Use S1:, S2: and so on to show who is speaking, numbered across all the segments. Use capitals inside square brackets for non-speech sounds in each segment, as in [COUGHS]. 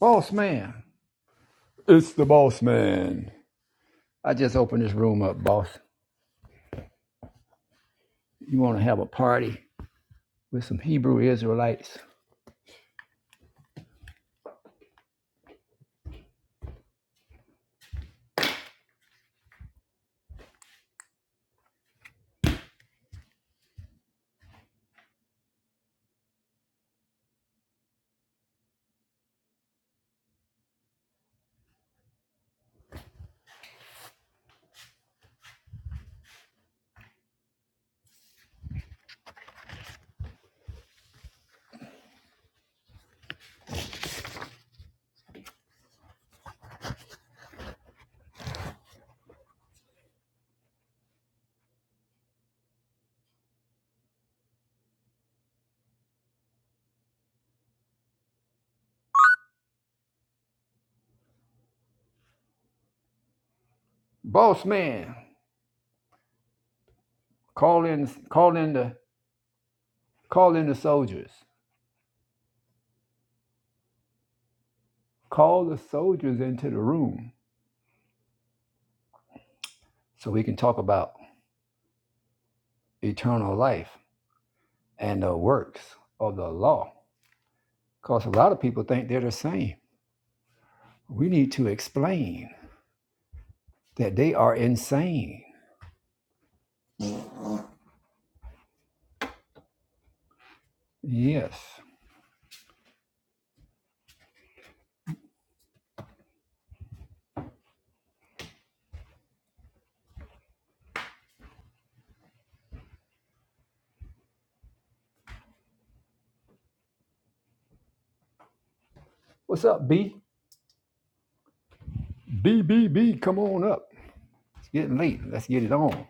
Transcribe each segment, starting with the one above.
S1: Boss man, It's the boss man. I just opened this room up, boss. You want to have a party with some Hebrew Israelites? Boss man, call in, call in the, call in the soldiers. Call the soldiers into the room so we can talk about eternal life and the works of the law. Because a lot of people think they're the same. We need to explain that they are insane. Yes. What's up, B? B B B. come on up. Getting late. Let's get it on.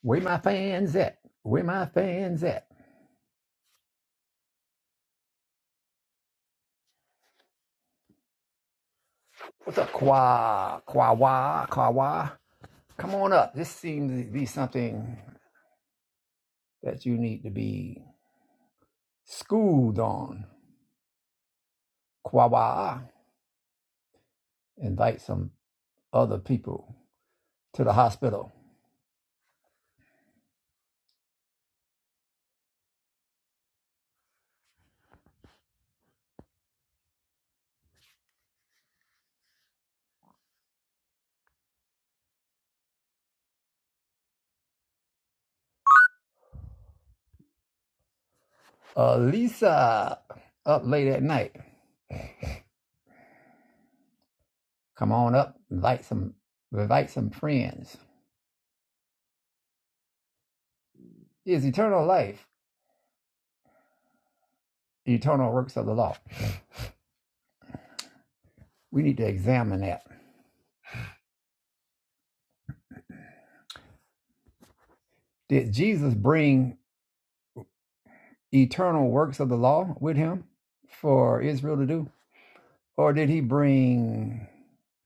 S1: Where my fans at? Where my fans at? What's up, Kwa? Kwa Wa? Kwa Wa? Come on up. This seems to be something that you need to be schooled on. Kwa Wa. Invite some other people to the hospital. Elisa, up late at night. Come on up. Invite some. Invite some friends. Is eternal life eternal works of the law? We need to examine that. Did Jesus bring eternal works of the law with him for Israel to do? Or did he bring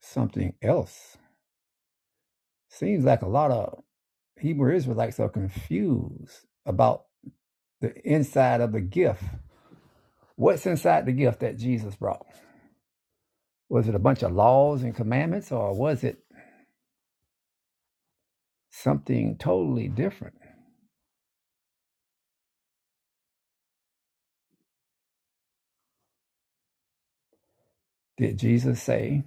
S1: something else? Seems like a lot of Hebrew Israelites are confused about the inside of the gift. What's inside the gift that Jesus brought? Was it a bunch of laws and commandments, or was it something totally different? Did Jesus say,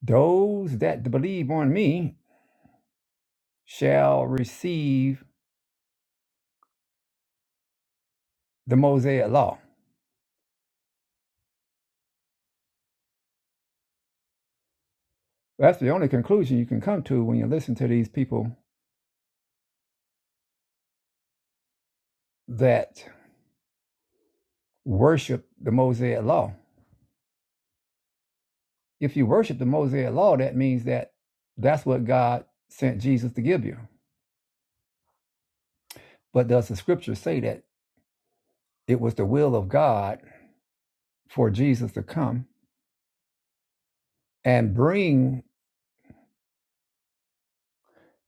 S1: Those that believe on me shall receive the Mosaic law? That's the only conclusion you can come to when you listen to these people that worship the Mosaic law. If you worship the Mosaic law, that means that that's what God sent Jesus to give you. But does the scripture say that it was the will of God for Jesus to come and bring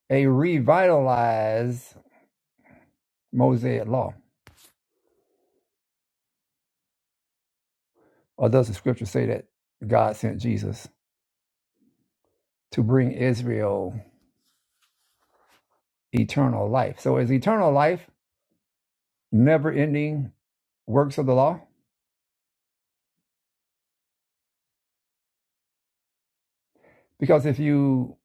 S1: a revitalized Mosaic law? Or does the scripture say that God sent Jesus to bring Israel eternal life? So is eternal life never ending works of the law? Because if you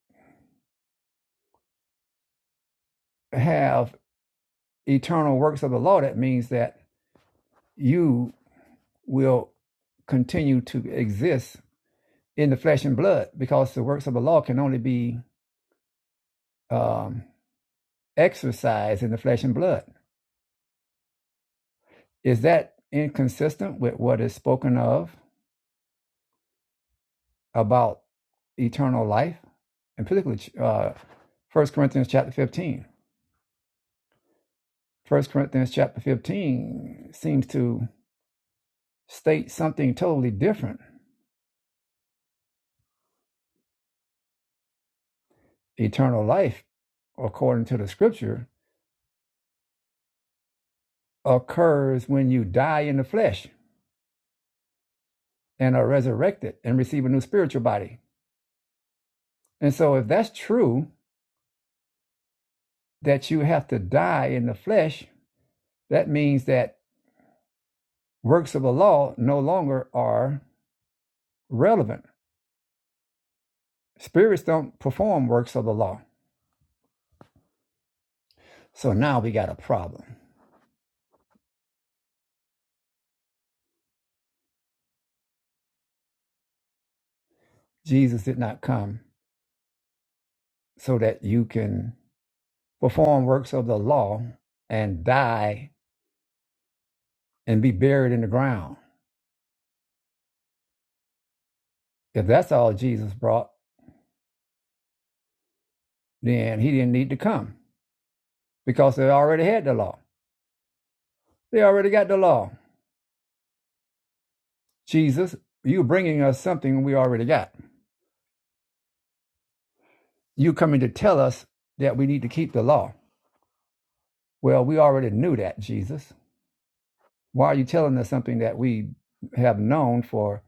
S1: have eternal works of the law, that means that you will continue to exist in the flesh and blood because the works of the law can only be um, exercised in the flesh and blood. Is that inconsistent with what is spoken of about eternal life? And particularly uh, 1 Corinthians chapter 15. First Corinthians chapter 15 seems to state something totally different. Eternal life according to the scripture, occurs when you die in the flesh and are resurrected and receive a new spiritual body. And so, if that's true, that you have to die in the flesh, that means that works of the law no longer are relevant. Spirits don't perform works of the law. So now we got a problem. Jesus did not come so that you can perform works of the law and die and be buried in the ground. If that's all Jesus brought, then he didn't need to come because they already had the law. They already got the law. Jesus, you bringing us something we already got. You coming to tell us that we need to keep the law. Well, we already knew that, Jesus. Why are you telling us something that we have known for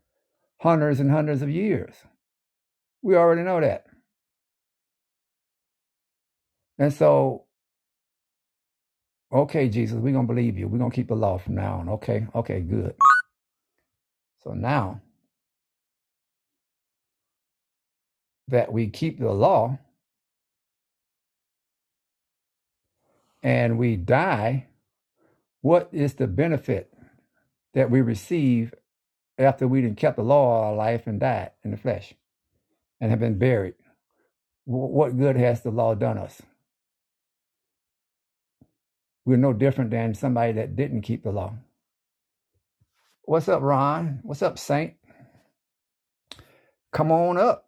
S1: hundreds and hundreds of years? We already know that. And so, okay, Jesus, we're going to believe you. We're going to keep the law from now on. Okay, okay, good. So now that we keep the law and we die, what is the benefit that we receive after we've kept the law all our life and died in the flesh and have been buried. What good has the law done us? We're no different than somebody that didn't keep the law. What's up, Ron? What's up, Saint? Come on up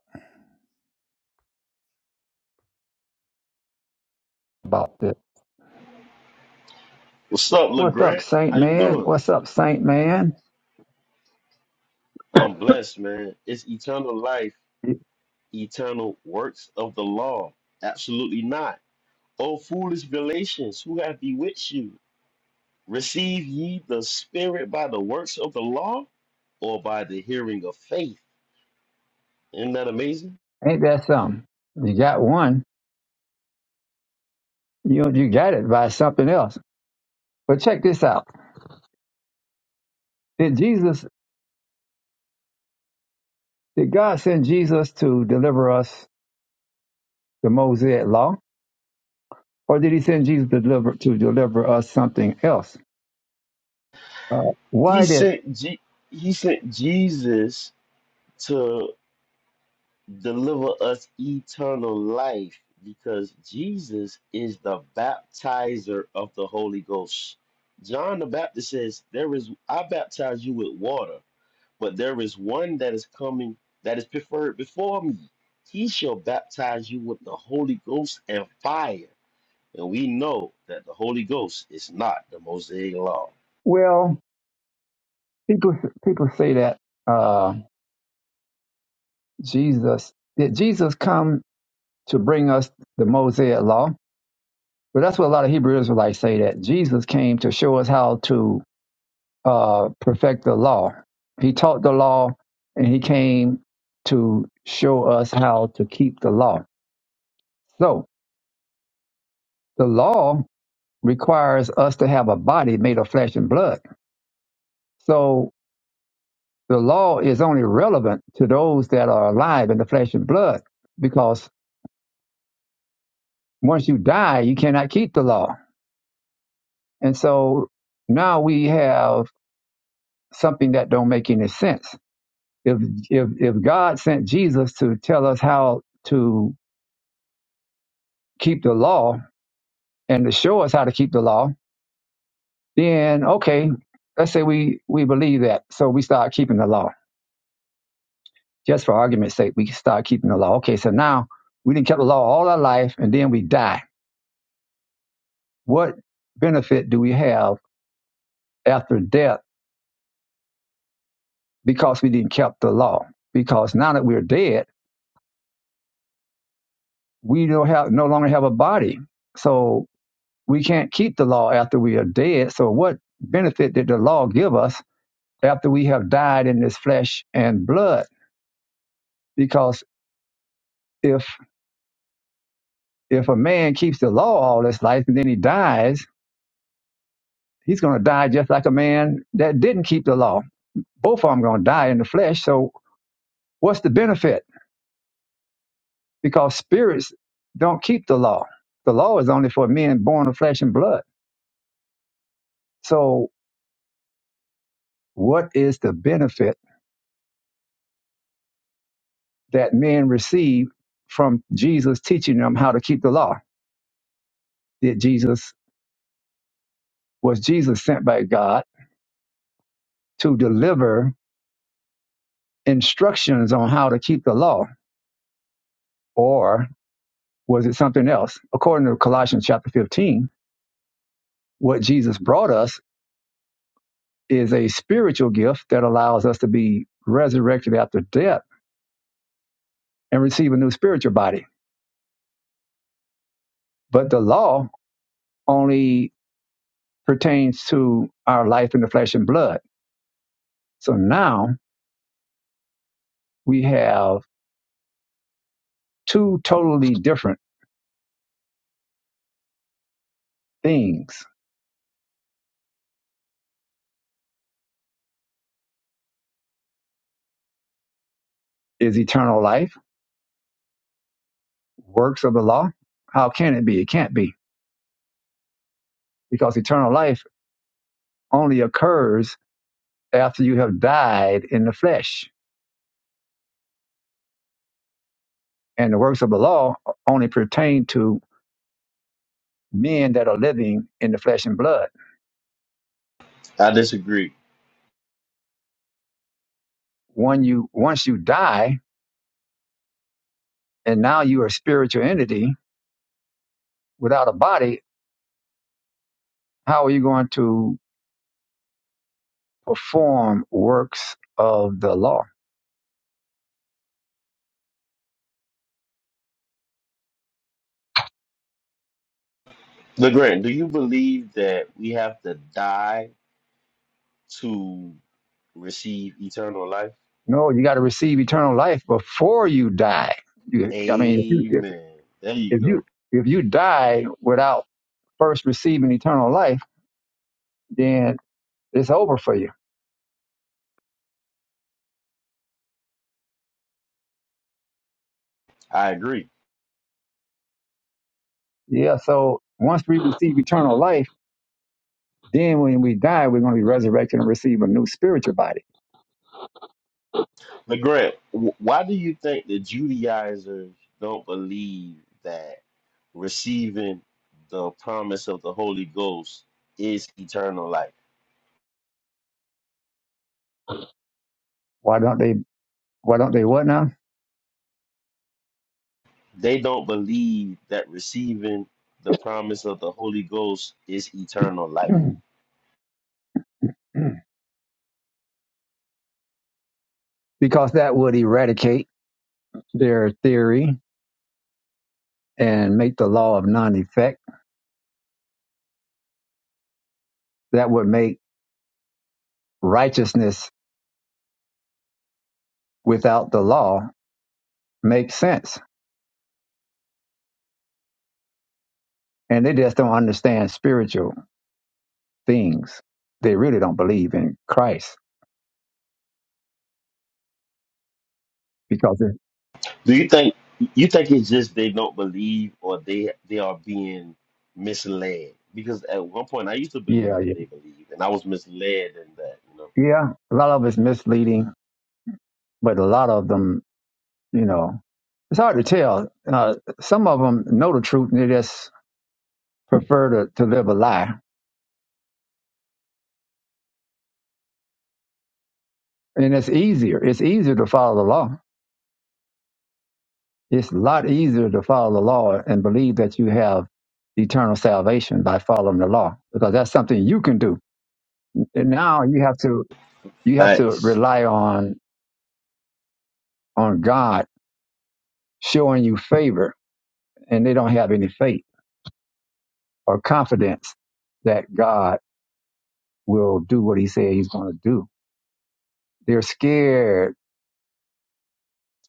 S1: about this.
S2: What's up,
S1: What's up,
S2: LeGrant?
S1: Saint
S2: How you
S1: Man?
S2: doing?
S1: What's up, Saint Man?
S2: I'm blessed, man. It's eternal life, eternal works of the law. Absolutely not. O foolish Galatians, who have bewitched you? Receive ye the Spirit by the works of the law or by the hearing of faith? Isn't that amazing?
S1: Ain't that something? You got one. You you got it by something else. But check this out. Did Jesus? Did God send Jesus to deliver us the Mosaic law? Or did he send Jesus to deliver, to deliver us something else? Uh,
S2: He
S1: why did,
S2: sent, Je- he sent Jesus to deliver us eternal life because Jesus is the baptizer of the Holy Ghost. John the Baptist says, There is I baptize you with water, but there is one that is coming that is preferred before me. He shall baptize you with the Holy Ghost and fire. And we know that the Holy Ghost is not the Mosaic law.
S1: well, people, people say that uh, Jesus, did Jesus come to bring us the Mosaic law? But that's what a lot of Hebrew Israelites say that Jesus came to show us how to uh, perfect the law. He taught the law and he came to show us how to keep the law. So the law requires us to have a body made of flesh and blood. So the law is only relevant to those that are alive in the flesh and blood because once you die you cannot keep the law and so now we have something that don't make any sense if if if god sent jesus to tell us how to keep the law and to show us how to keep the law then okay let's say we we believe that so we start keeping the law just for argument's sake we start keeping the law okay so now we didn't keep the law all our life and then we die What benefit do we have after death because we didn't keep the law? Because now that we're dead, we don't have no longer have a body. So we can't keep the law after we are dead. So what benefit did the law give us after we have died in this flesh and blood? Because if if a man keeps the law all his life and then he dies, he's going to die just like a man that didn't keep the law. Both of them going to die in the flesh. So what's the benefit? because spirits don't keep the law. The law is only for men born of flesh and blood. So, what is the benefit that men receive from Jesus teaching them how to keep the law? Did Jesus was Jesus sent by God to deliver instructions on how to keep the law, or was it something else? According to Colossians chapter 15, what Jesus brought us is a spiritual gift that allows us to be resurrected after death and receive a new spiritual body But the law only pertains to our life in the flesh and blood. So now we have two totally different things. Is eternal life works of the law? How can it be? It can't be because eternal life only occurs after you have died in the flesh. And the works of the law only pertain to men that are living in the flesh and blood.
S2: I disagree.
S1: When you, once you die and now you are a spiritual entity without a body, how are you going to perform works of the law.
S2: LeGrand, do you believe that we have to die to receive eternal life?
S1: No, you got to receive eternal life before you die. You, I mean, if you, if,
S2: Amen. There you
S1: if you
S2: go.
S1: if you die without first receiving eternal life, then it's over for you.
S2: I agree.
S1: Yeah. So once we receive eternal life, then when we die, we're going to be resurrected and receive a new spiritual body.
S2: LeGrant, wh- why do you think the Judaizers don't believe that receiving the promise of the Holy Ghost is eternal life?
S1: Why don't they? Why don't they? What now?
S2: They don't believe that receiving the promise of the Holy Ghost is eternal life.
S1: [CLEARS THROAT] because that would eradicate their theory and make the law of non effect. That would make righteousness without the law makes sense. And they just don't understand spiritual things. They really don't believe in Christ because, it,
S2: Do you think you think it's just they don't believe or they they are being misled? Because at one point I used to believe
S1: yeah,
S2: what
S1: yeah,
S2: they believe and I was misled in that,
S1: yeah. A lot of it's misleading, but a lot of them, you know, it's hard to tell. Uh, some of them know the truth and they just prefer to, to live a lie. And it's easier. It's easier to follow the law. It's a lot easier to follow the law and believe that you have eternal salvation by following the law because that's something you can do. And now you have to You have to
S2: Facts.
S1: rely on on God showing you favor, and they don't have any faith or confidence that God will do what He said He's going to do. They're scared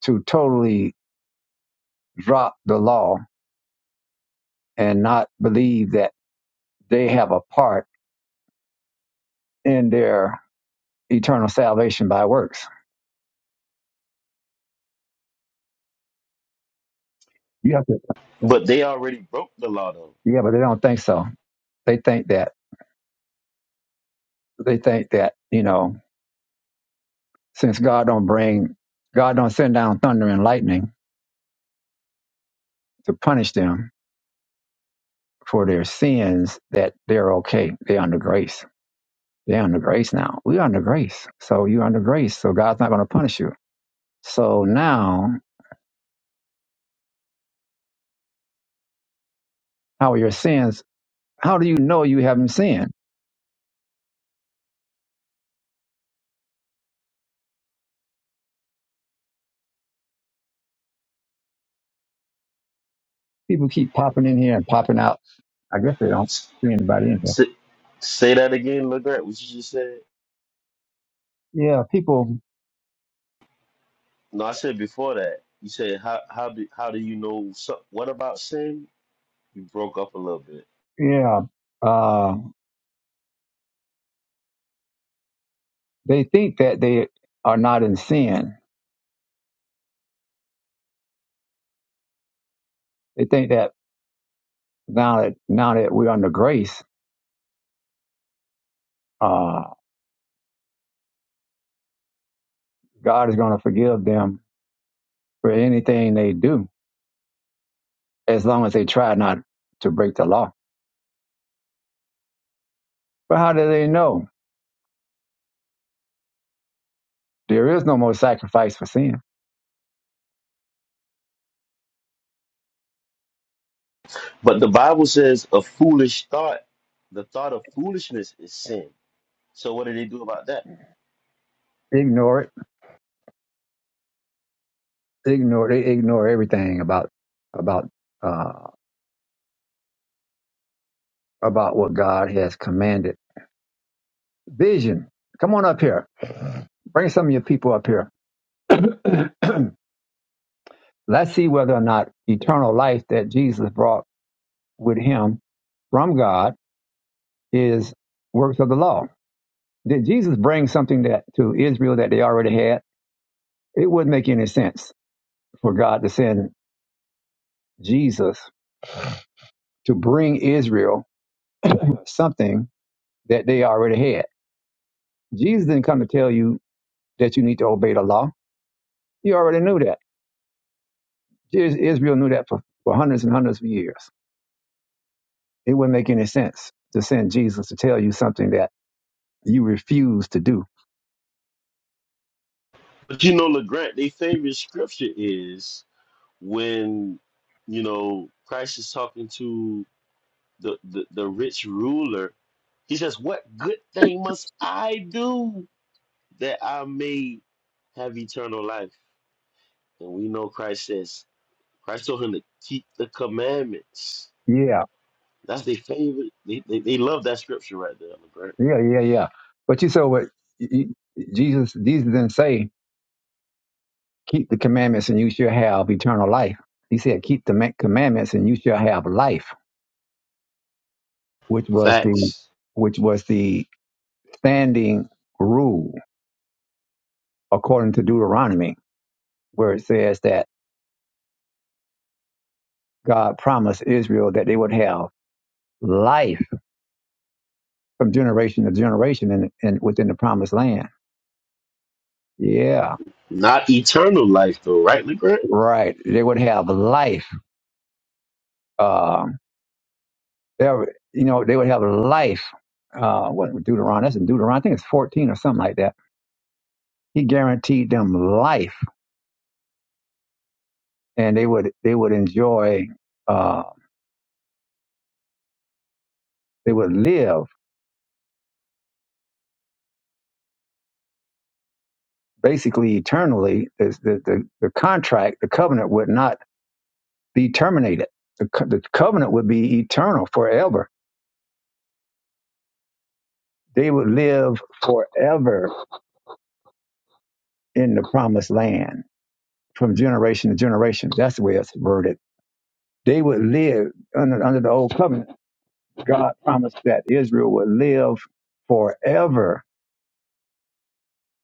S1: to totally drop the law and not believe that they have a part in their eternal salvation by works. You have to,
S2: But they already broke the law though.
S1: yeah, but they don't think so. They think that they think that you know since God don't bring God don't send down thunder and lightning to punish them for their sins that they're okay. They're under grace. They're under grace now. We're under grace. So you're under grace. So God's not going to punish you. So now, how are your sins? How do you know you haven't sinned? People keep popping in here and popping out. I guess they don't see anybody in here.
S2: Say, say that again, Legrand. What you just said?
S1: Yeah, people,
S2: No, I said before that. You said how how do how do you know so, what about sin? You broke up a little bit.
S1: yeah, uh, they think that they are not in sin. They think that now that, now that we're under grace, uh, God is going to forgive them for anything they do as long as they try not to break the law. But how do they know? There is no more sacrifice for sin.
S2: But the Bible says a foolish thought, the thought of foolishness is sin. So what do they do about that?
S1: Ignore it. Ignore they ignore everything about about uh about what God has commanded. Vision. Come on up here. Bring some of your people up here. [CLEARS THROAT] Let's see whether or not eternal life that Jesus brought with him from God is works of the law. Did Jesus bring something that to Israel that they already had? It wouldn't make any sense for God to send Jesus to bring Israel something that they already had. Jesus didn't come to tell you that you need to obey the law. You already knew that Israel knew that for, for hundreds and hundreds of years. It wouldn't make any sense to send Jesus to tell you something that you refuse to do.
S2: But you know, Legrand, their favorite scripture is when you know Christ is talking to the, the, the rich ruler, he says, What good thing must I do that I may have eternal life? And we know Christ says, Christ told him to keep the commandments.
S1: Yeah,
S2: That's their favorite. They, they, they love that scripture right there, LeGrant.
S1: yeah, yeah, yeah. But you said what Jesus, Jesus didn't say Keep the commandments and you shall have eternal life. He said, keep the ma- commandments and you shall have life, which was the,
S2: Facts.
S1: which was the standing rule according to Deuteronomy, where it says that God promised Israel that they would have life from generation to generation in, in within the promised land. Yeah,
S2: Not eternal life though, right, LeGrant?
S1: right. They would have life. Um, they were- you know, they would have life. Uh, what Deuteronomy? That's in Deuteronomy. I think it's fourteen or something like that. He guaranteed them life and they would they would enjoy uh, they would live basically eternally. It's The, the the contract, the covenant would not be terminated. The, co- the covenant would be eternal forever. They would live forever in the promised land from generation to generation. That's the way it's worded. They would live under, under the old covenant. God promised that Israel would live forever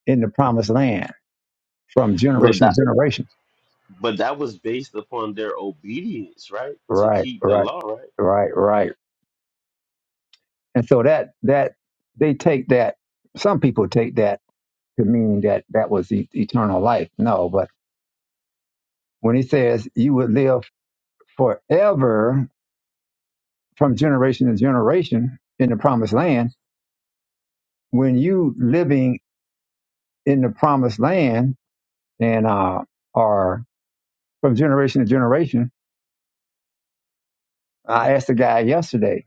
S1: in the promised land from
S2: But
S1: generation
S2: that
S1: to generation.
S2: but that was based upon their obedience, right? To
S1: Right,
S2: keep the
S1: right,
S2: law, right?
S1: right, right. And so that that they take that. Some people take that to mean that that was e- eternal life. No, but when he says you would live forever from generation to generation in the promised land, when you living in the promised land and uh, are from generation to generation, I asked the guy yesterday.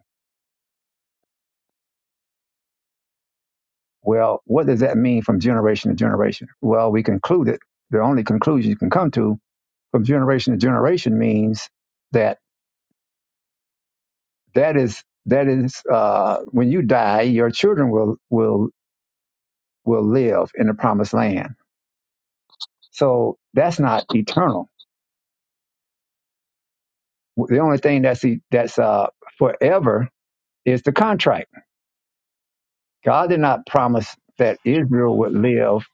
S1: Well, what does that mean from generation to generation? Well, we concluded the only conclusion you can come to from generation to generation means that That is that is uh, when you die, your children will will will live in the promised land. So that's not eternal. The only thing that's e- that's uh, forever is the contract. God did not promise that Israel would live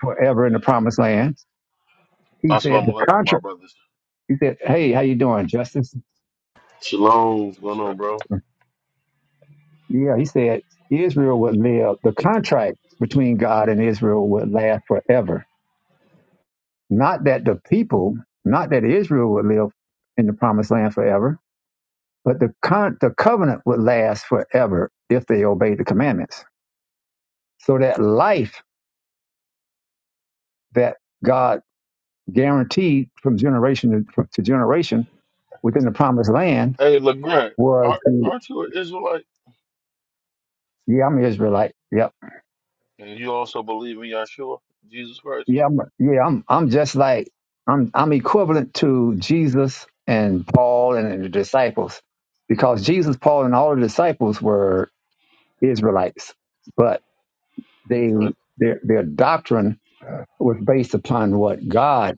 S1: forever in the promised land. He said
S3: Assalamu
S1: the
S3: alaikum, my
S1: contract.
S3: brothers.
S1: He said, "Hey, how you doing, Justice?"
S2: Shalom, what's going
S3: What's
S2: on,
S3: up?
S2: bro?
S1: Yeah, he said Israel would live. The contract between God and Israel would last forever Not that the people, not that Israel would live in the promised land forever, but the, con- the covenant would last forever if they obeyed the commandments. So that life that God guaranteed from generation to, to generation within the promised land
S3: Hey, LeGrand,
S1: was,
S3: are,
S1: the-
S3: aren't you an Israelite?
S1: yeah, I'm Israelite. Yep.
S3: And you also believe in Yahshua, Jesus Christ?
S1: Yeah, I'm, yeah, I'm, I'm just like, I'm, I'm equivalent to Jesus and Paul and the disciples because Jesus, Paul, and all the disciples were Israelites. but.
S3: Okay,
S1: they their their doctrine was based upon what God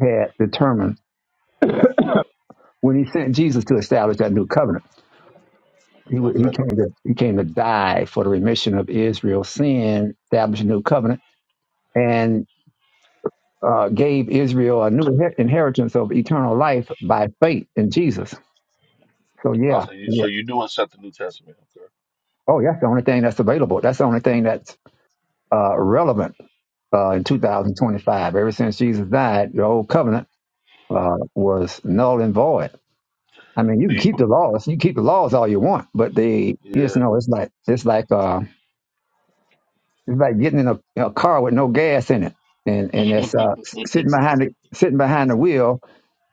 S1: had determined when He sent Jesus to establish that new covenant. He wa- he
S3: okay.
S1: came to he came to die for the remission of Israel's sin, establish a new covenant, and uh, gave Israel a new inher- inheritance of eternal life by faith in Jesus. So
S3: Oh,
S1: yeah,
S3: so you,
S1: yeah.
S3: so you do accept the New Testament, okay?
S1: Oh, that's the only thing that's available. That's the only thing that's uh, relevant uh, in
S3: True.
S1: 2025. Ever since Jesus died, the old covenant uh, was null and void I mean, you
S3: Do
S1: can
S3: you,
S1: keep the laws. You keep the laws all you want, but they, you just
S3: b-
S1: know, it's like it's like uh, it's like getting in a, a car with no gas in it, and and it's uh, s-
S3: yeah.
S1: sitting behind the sitting behind the wheel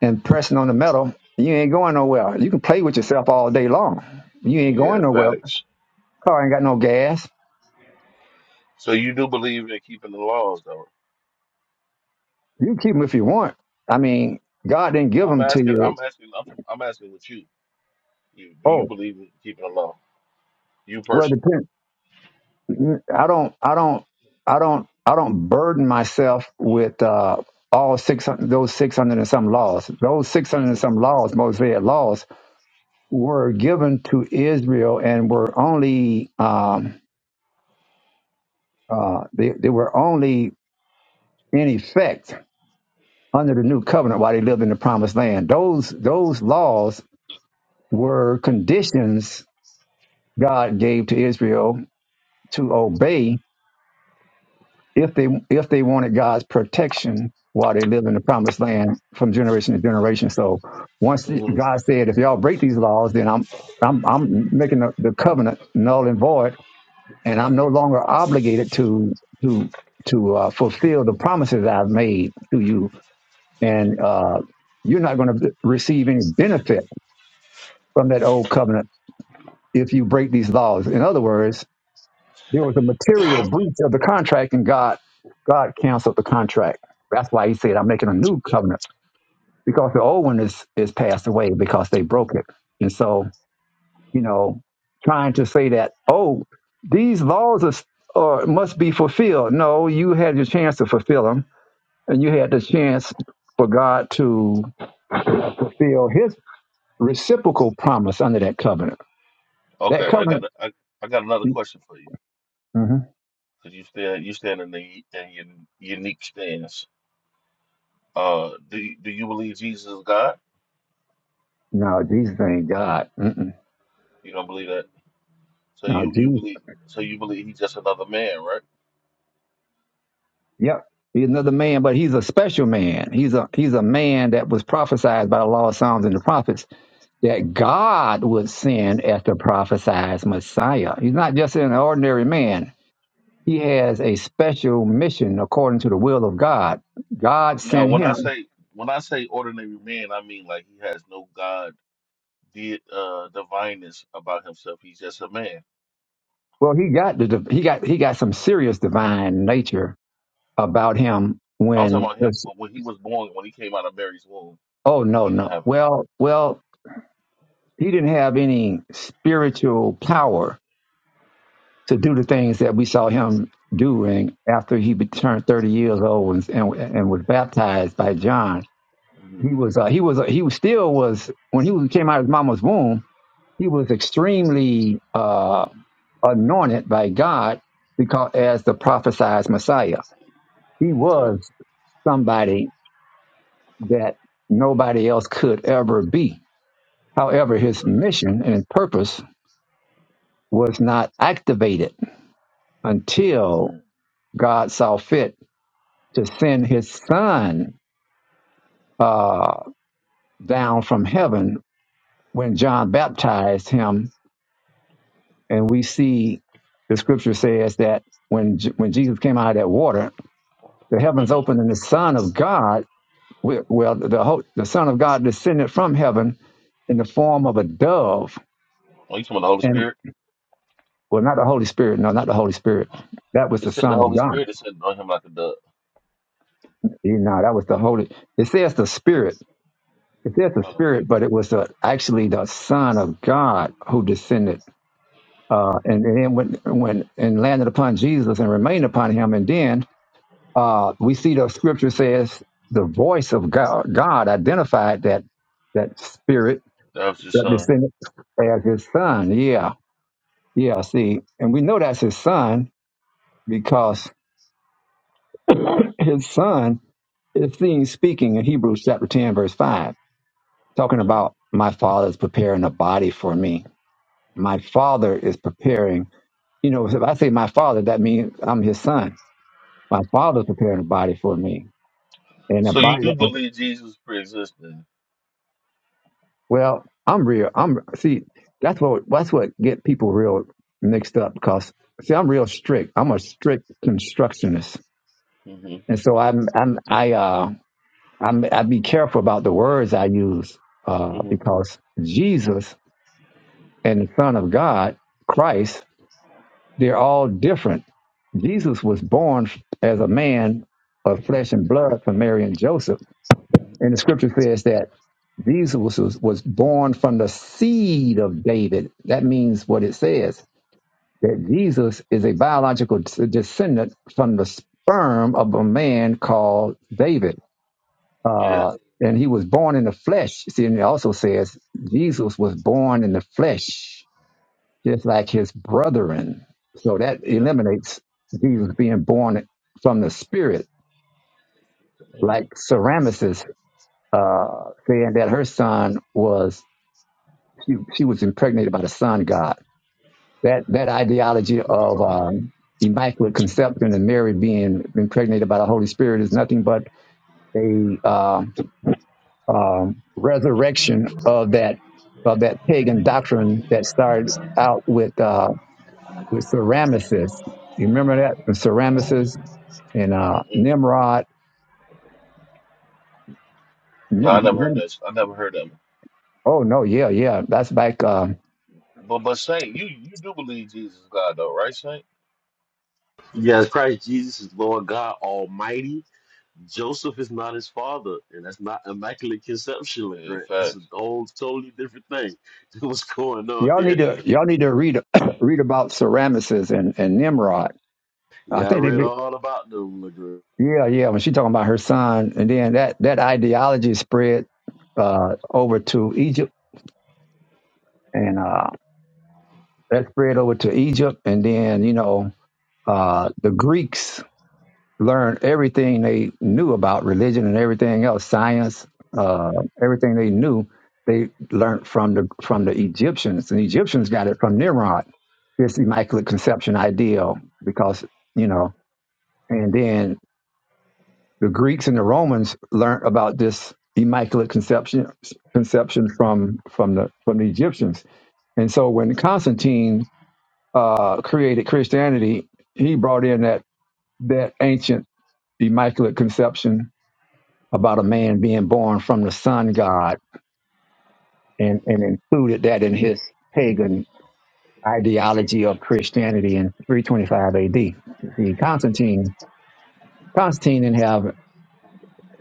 S1: and pressing on the metal. You ain't going nowhere. You can play with yourself all day long. You
S3: [LAUGHS]
S1: ain't
S3: yeah,
S1: going nowhere.
S3: facts.
S1: Car ain't got no gas.
S3: So you do believe in keeping the laws, though?
S1: You can keep them if you want. I mean, God didn't
S3: And
S1: give
S3: I'm
S1: them to
S3: asking, I'm
S1: you.
S3: asking, I'm, I'm asking with you. you. Do you
S1: Oh,
S3: believe in keeping the law? You
S1: well,
S3: personally?
S1: depend. I don't, I don't, I don't, I don't burden myself with uh, all six hundred, those six hundred and some laws. Those six hundred and
S3: hmm
S1: some laws, Mosaic laws, were given to Israel and were only, um, uh, they, they were only in effect under the new covenant while they lived in the promised land. Those those laws were conditions God gave to Israel to obey if they if they wanted God's protection while they lived in the promised land from generation to generation. So once
S3: hmm
S1: God said, if y'all break these laws, then I'm I'm I'm making the, the covenant null and void, and I'm no longer obligated to to to uh, fulfill the promises I've made to you, and uh, you're not going to receive any benefit from that old covenant if you break these laws. In other words, There was a material breach of the contract, and God God canceled the contract. That's why He said, "I'm making a new covenant because the old one is is passed away because they broke it." And so, you know, trying to say that, oh, these laws are, are must be fulfilled. No, you had your chance to fulfill them, and you had the chance for God to fulfill his reciprocal promise under that covenant. That
S3: Okay, I got,
S1: covenant.
S3: a, I, I got another question for you.
S1: Mhm.
S3: because you stand you stand in the in your unique stance. Uh, do you- do you believe Jesus is God?
S1: No, Jesus ain't God. Mm-mm.
S3: You don't believe that, so
S1: No,
S3: you you
S1: Jesus.
S3: believe so you believe he's just another man, right?
S1: Yep. He's another man, but he's a special man. He's a he's a man that was prophesied by the law of Psalms and the prophets that God would send as the prophesied Messiah. He's not just an ordinary man. He has a special mission according to the will of God. God
S3: Now,
S1: sent
S3: when I
S1: him.
S3: say when I say ordinary man, I mean like he has no God di- uh divineness about himself. He's just a man.
S1: Well, he got the div- he got he got some serious divine nature about him
S3: I'm talking
S1: when
S3: about him
S1: this,
S3: when when he was born, when he came out of Mary's womb,
S1: oh no
S3: he didn't
S1: no
S3: have it.
S1: well well he didn't have any spiritual power to do the things that we saw him doing after he be- turned 30 years old and, and, and was baptized by John.
S3: hmm
S1: He was uh, he was uh, he was still was when he was- came out of his mama's womb. He was extremely uh, anointed by God because as the prophesied Messiah, he
S3: Okay.
S1: was somebody that nobody else could ever be. However, his
S3: Okay.
S1: mission and purpose was not activated until God saw fit to send his son uh, down from heaven when John baptized him. And we see the scripture says that when J- when Jesus came out of that water, the heavens
S3: Mm-hmm.
S1: opened and the Son of God, we- well, the ho- the Son of God descended from heaven in the form of a dove,
S3: Oh, you talking about the Holy
S1: and
S3: Spirit?
S1: well, not the Holy Spirit, no, not the Holy Spirit. That was
S3: It
S1: the
S3: said the
S1: Son of
S3: Holy
S1: God.
S3: Spirit is sitting on him like a dove.
S1: You know, that was the Holy. It says the Spirit. It says the
S3: Oh, okay.
S1: Spirit, but it was uh actually the Son of God who descended uh, and, and then when, when and landed upon Jesus and remained upon him, and then uh, we see the scripture says the voice of God, God identified that that spirit
S3: That was just
S1: that
S3: son.
S1: descended as his son. Yeah, yeah. See, and we know that's his son because [COUGHS] [LAUGHS] his son is seen speaking in Hebrews chapter ten, verse five, talking
S3: Mhm.
S1: about my father is preparing a body for me. My father is preparing. You know, if I say my father, that means I'm his son my father's preparing a body for me and a
S3: So you
S1: body that
S3: do
S1: was
S3: believe Jesus pre-existed?
S1: well i'm real i'm see that's what that's what get people real mixed up because see i'm real strict i'm a strict constructionist
S3: hmm
S1: and so i'm i'm i uh i'm i be careful about the words i use uh
S3: hmm
S1: because jesus and the son of god christ they're all different jesus was born as a man of flesh and blood from mary and joseph
S3: hmm
S1: and the scripture says that Jesus was, was born from the seed of David. That means what it says that Jesus is a biological des- descendant from the sperm of a man called David.
S3: Yeah,
S1: Uh, and he was born in the flesh. See, and it also says Jesus was born in the flesh, just like his brethren. So that
S3: yeah.
S1: eliminates Jesus being born from the spirit, like Ceramyces, uh, saying that her son was she, she was impregnated by the sun god. That that ideology of um, immaculate conception and Mary being impregnated by the Holy Spirit is nothing but a uh, um resurrection of that of that pagan doctrine that started out with uh, with Ceramicus. You remember that From Ceramicus and uh,
S3: Mm-mm.
S1: Nimrod.
S3: No, I never heard
S1: Nim-
S3: that. I never heard that.
S1: oh no, yeah, yeah, that's back. Uh,
S3: But but Saint, you you do believe Jesus is God though, right, Saint?
S2: Yes, Christ Jesus is Lord God Almighty Joseph is not his father, and that's not immaculate conception,
S3: Yeah,
S2: Legrand. That's a
S3: facts.
S2: whole totally different thing. [LAUGHS] What's going on
S1: y'all
S2: here?
S1: need
S3: Yeah.
S1: to y'all need to read [COUGHS] read about Ceramicus and, and Nimrod. I
S2: Yeah, I
S1: think
S2: read
S1: they
S2: all about them, Legrand.
S1: Yeah, yeah. When she talking about her son, and then that that ideology spread uh, over to Egypt, and uh, that spread over to Egypt, and then you know uh, the Greeks learned everything they knew about religion and everything else, science, uh, everything they knew. They learned from the from the Egyptians, and the Egyptians got it from Nimrod, this immaculate conception ideal, because you know, and then The Greeks and the Romans learned about this immaculate conception conception from from the from the Egyptians. And so when Constantine uh, created Christianity, he brought in that that ancient immaculate conception about a man being born from the sun god and, and included that in his pagan ideology of Christianity in 325 AD. See, Constantine Constantine didn't have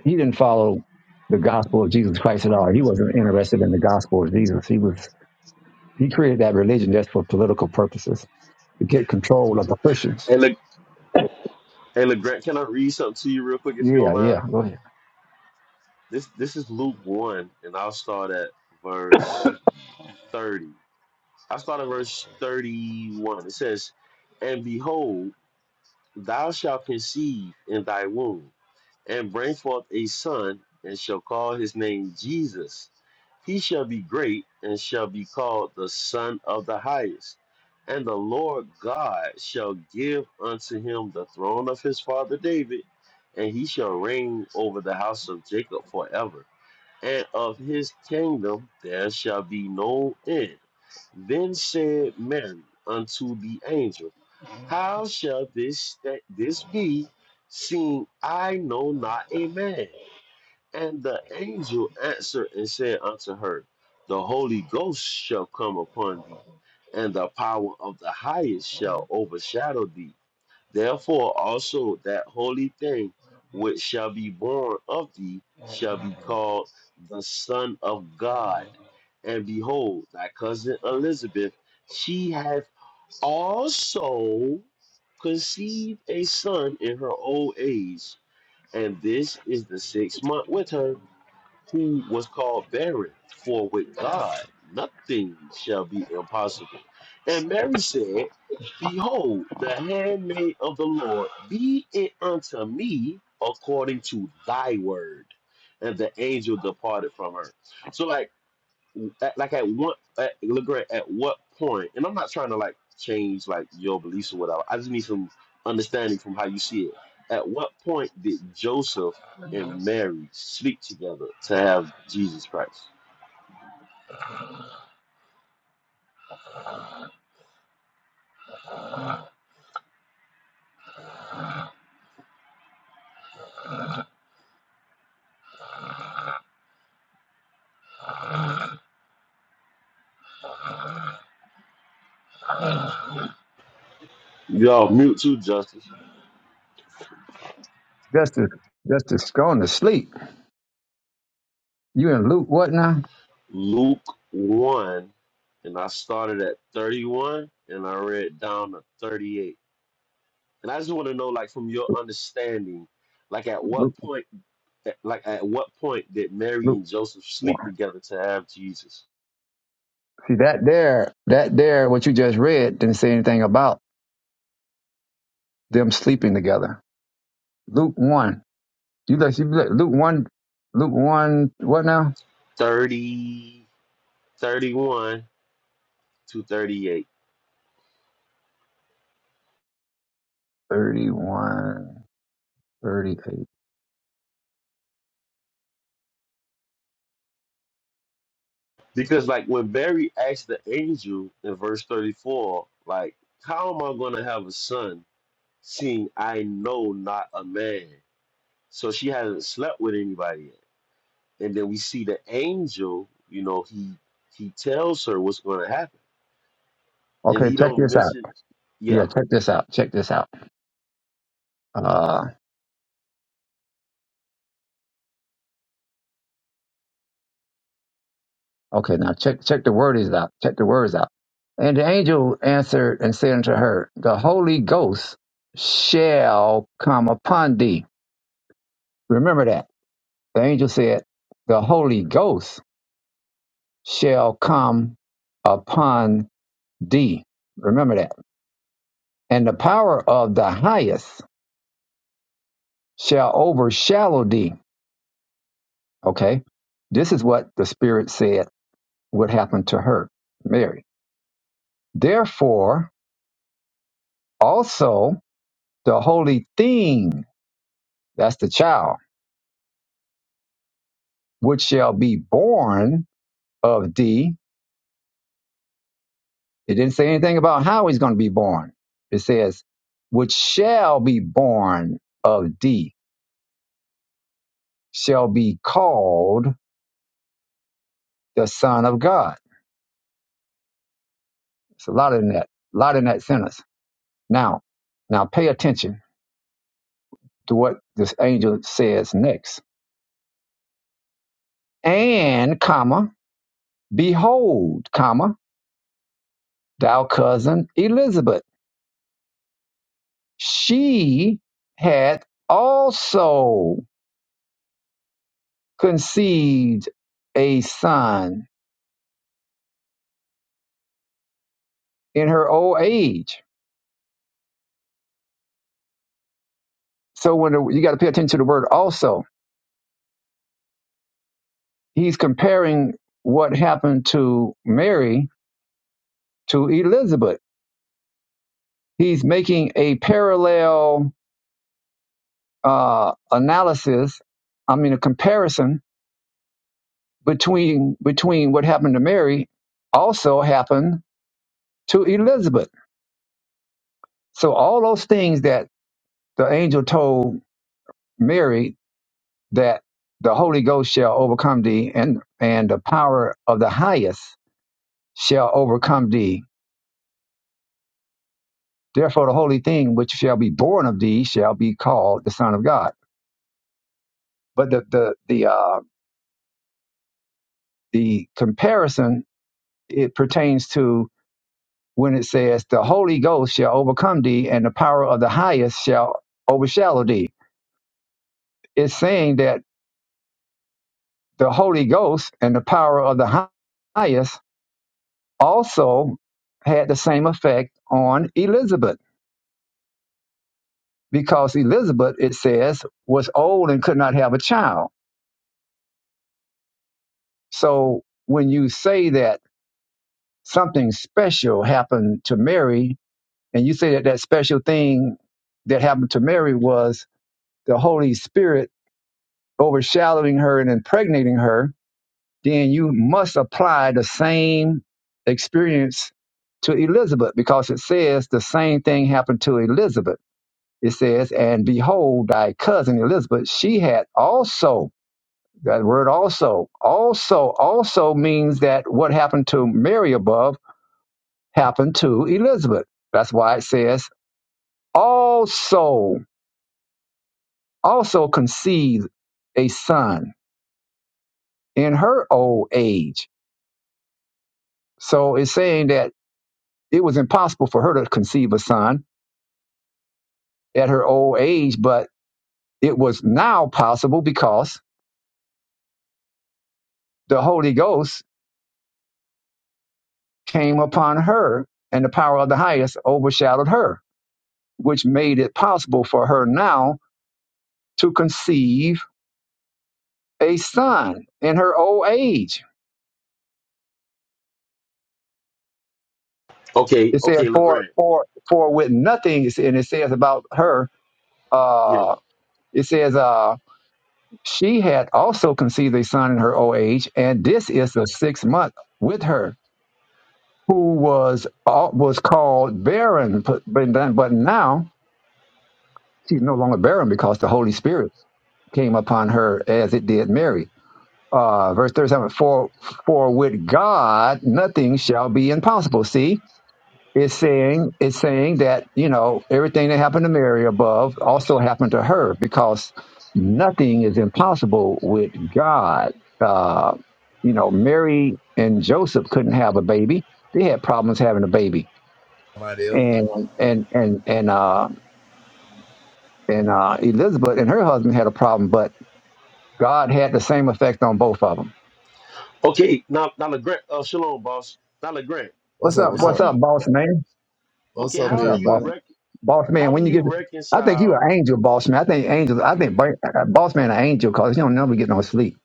S1: He didn't follow the gospel of Jesus Christ at all. He wasn't interested in the gospel of Jesus. He was he created that religion just for political purposes to get control of the Christians.
S2: Hey, Le- hey, Legrand, can I read something to you real quick if you don't
S1: Yeah, yeah.
S2: mind?
S1: Go ahead.
S2: This this is Luke one, and I'll start at verse thirty. I start at verse thirty-one. It says, "And behold, thou shalt conceive in thy womb." and bring forth a son, and shall call his name Jesus. He shall be great, and shall be called the Son of the Highest. And the Lord God shall give unto him the throne of his father David, and he shall reign over the house of Jacob forever. And of his kingdom there shall be no end then said Mary unto the angel, How shall this th- this be, seeing I know not a man? And the angel answered and said unto her, The Holy Ghost shall come upon thee, and the power of the highest shall overshadow thee. Therefore also that holy thing which shall be born of thee shall be called the Son of God. And behold, thy cousin Elizabeth, she hath also conceived a son in her old age, and this is the sixth month with her, who was called barren, for with God nothing shall be impossible. And Mary said, Behold, the handmaid of the Lord, be it unto me according to thy word. And the angel departed from her. So, like, at, like at what at, LeGrand, at what point and i'm not trying to like change like your beliefs or whatever i just need some understanding from how you see it at what point did joseph and mary sleep together to have jesus christ y'all mute too justice
S1: Justice, justice, going to sleep. You in Luke what now?
S2: luke 1 and i started at 31 and i read down to 38 and i just want to know like from your understanding like at
S1: Luke,
S2: what point At- Like, at what point did Mary
S1: Luke
S2: and Joseph sleep
S1: one.
S2: together to have Jesus?
S1: See that there, that there, what you just read didn't say anything about them sleeping together. Luke one. You look, you look Luke one, Luke one. What now?
S2: 30, 31 to 38.
S1: Thirty-one, thirty-eight.
S2: Because, like, when Mary asked the angel in verse 34, like, how am I going to have a son seeing I know not a man? So she hasn't slept with anybody yet. And then we see the angel, you know, he he tells her what's going to happen. And
S1: Okay,
S2: he
S1: check
S2: don't
S1: this out.
S2: mention,
S1: Yeah,
S2: yeah.
S1: check this out. Check this out. Uh, okay, now check check the word is out. Check the words out. And the angel answered and said unto her, The Holy Ghost shall come upon thee. Remember that. The angel said, The Holy Ghost shall come upon thee. Remember that. And the power of the highest shall overshadow thee. Okay. This is what the Spirit said would happen to her, Mary. Therefore, Also, the holy thing, that's the child, which shall be born of thee. It didn't say anything about how he's going to be born. It says, which shall be born of thee, shall be called the Son of God. It's a lot in that, a lot in that sentence. Now, now pay attention to what this angel says next. And, comma, behold, comma, thou cousin Elizabeth. she had also conceived a son in her old age. So when the, you got to pay attention to the word also, he's comparing what happened to Mary to Elizabeth. He's making a parallel uh, analysis. I mean, a comparison between between what happened to Mary also happened to Elizabeth. So all those things that the angel told Mary that the Holy Ghost shall overcome thee, and, and the power of the highest shall overcome thee. Therefore, the holy thing which shall be born of thee shall be called the Son of God. But the the the uh, the comparison it pertains to when it says the Holy Ghost shall overcome thee, and the power of the highest shall overshadow thee. It's saying that the Holy Ghost and the power of the hi- highest also had the same effect on Elizabeth because Elizabeth, it says, was old and could not have a child. So when you say that something special happened to Mary, and you say that that special thing that happened to Mary was the Holy Spirit overshadowing her and impregnating her, then you must apply the same experience to Elizabeth because it says the same thing happened to Elizabeth. It says, And behold, thy cousin Elizabeth, she had also That word also, also, also means that what happened to Mary above happened to Elizabeth. That's why it says also, also conceived a son in her old age. So it's saying that it was impossible for her to conceive a son at her old age, but it was now possible because the Holy Ghost came upon her and the power of the highest overshadowed her, which made it possible for her now to conceive a son in her old age.
S2: Okay,
S1: It says,
S2: okay,
S1: for,
S2: LeGrand.
S1: for, for with nothing, it said- and it says about her,
S2: Yeah.
S1: uh, it says, uh, she had also conceived a son in her old age, and this is the sixth month with her, who was uh, was called barren, but, but then- but now she's no longer barren because the Holy Spirit came upon her as it did Mary. Uh, verse 37, for, for with God nothing shall be impossible. See, Is saying is saying that you know everything that happened to Mary above also happened to her because nothing is impossible with God. Uh, you know, Mary and Joseph couldn't have a baby; they had problems having a baby,
S4: Somebody else.
S1: and and and and uh, and uh, Elizabeth and her husband had a problem, but God had the same effect on both of them.
S2: Okay, now now Legrand, uh, shalom, boss. Now Legrand,
S4: What's
S1: What's
S4: up?
S1: up?
S4: What's
S2: how
S1: What's
S4: up?
S2: do
S1: up,
S2: you?
S1: boss man?
S4: What's
S2: Okay,
S4: up,
S1: What's
S2: how
S1: up,
S2: do
S1: boss?
S2: you
S4: everybody?
S2: rec?
S1: boss man.
S2: How do
S1: When you get,
S2: you
S1: I think you
S2: reconcile?
S1: an angel, boss man. I think angels. I think bra- uh, boss man an angel because he don't never get no sleep.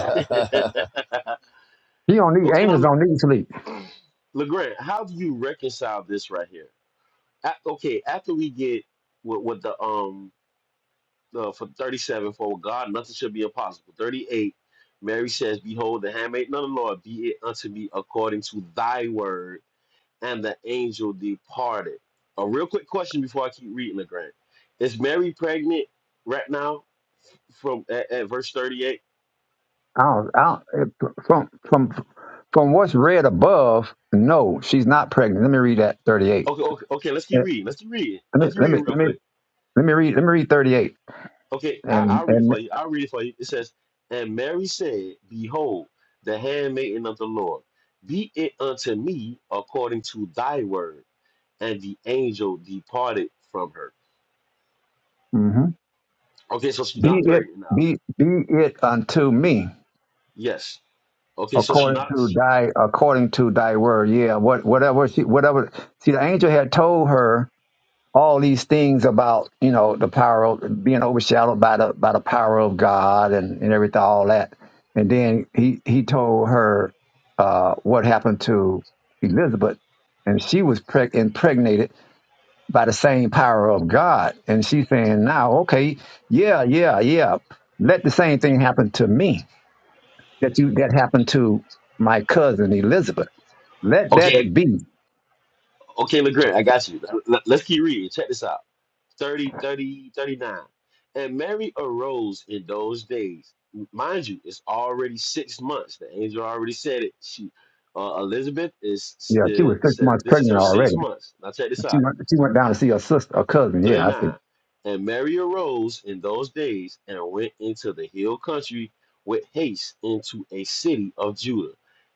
S2: [LAUGHS] okay,
S1: He don't need angels.
S2: now
S1: Don't need sleep.
S2: Legrand, how do you reconcile this right here? A- okay, after we get with, with the um the, for thirty seven for with God, nothing should be impossible. Thirty eight, Mary says, "Behold, the handmaid, none of the Lord, be it unto me according to Thy word." and the angel departed. A real quick question before I keep reading, Legrand. Is Mary pregnant right now from at, at verse 38?
S1: I don't. I don't eh, from from from what's read above. No, she's not pregnant. Let me read that thirty eight.
S2: Okay, okay, okay, let's
S1: Let
S2: keep reading. Let's keep reading.
S1: me
S2: Let's keep
S1: let
S2: reading
S1: me
S2: real
S1: let me
S2: quick.
S1: let me read let me read thirty eight
S2: Okay, I,
S1: and
S2: I'll read it
S1: and
S2: for you. I'll read it for you. It says, And Mary said, Behold, the handmaiden of the Lord, be it unto me according to thy word. And the angel departed from her.
S1: mhm.
S2: Okay, so she's
S1: be
S2: not
S1: it
S2: pregnant now.
S1: be be it unto me
S2: Yes. Okay, so she's
S1: according
S2: not.
S1: to thy according to thy word. Yeah, what whatever she whatever. See, the angel had told her all these things about you know the power of being overshadowed by the by the power of God and and everything all that, and then he he told her uh, what happened to Elizabeth, and she was preg- impregnated by the same power of God, and she's saying now, okay, yeah, yeah, yeah, let the same thing happen to me that you that happened to my cousin Elizabeth. Let
S2: Okay,
S1: that be.
S2: Okay, LeGrand, I got you. Let- Let's keep reading. Check this out. 30, 30, 39, And Mary arose in those days. Mind you, it's already six months. The angel already said it. She, uh, Elizabeth is
S1: Yeah, she
S2: uh,
S1: was six
S2: says
S1: months
S2: this is
S1: pregnant
S2: her six
S1: already.
S2: months. Now check this
S1: But she
S2: out.
S1: went, she went down to see her sister, her cousin. Yeah, I see.
S2: 39. And Mary arose in those days and went into the hill country with haste into a city of Judah,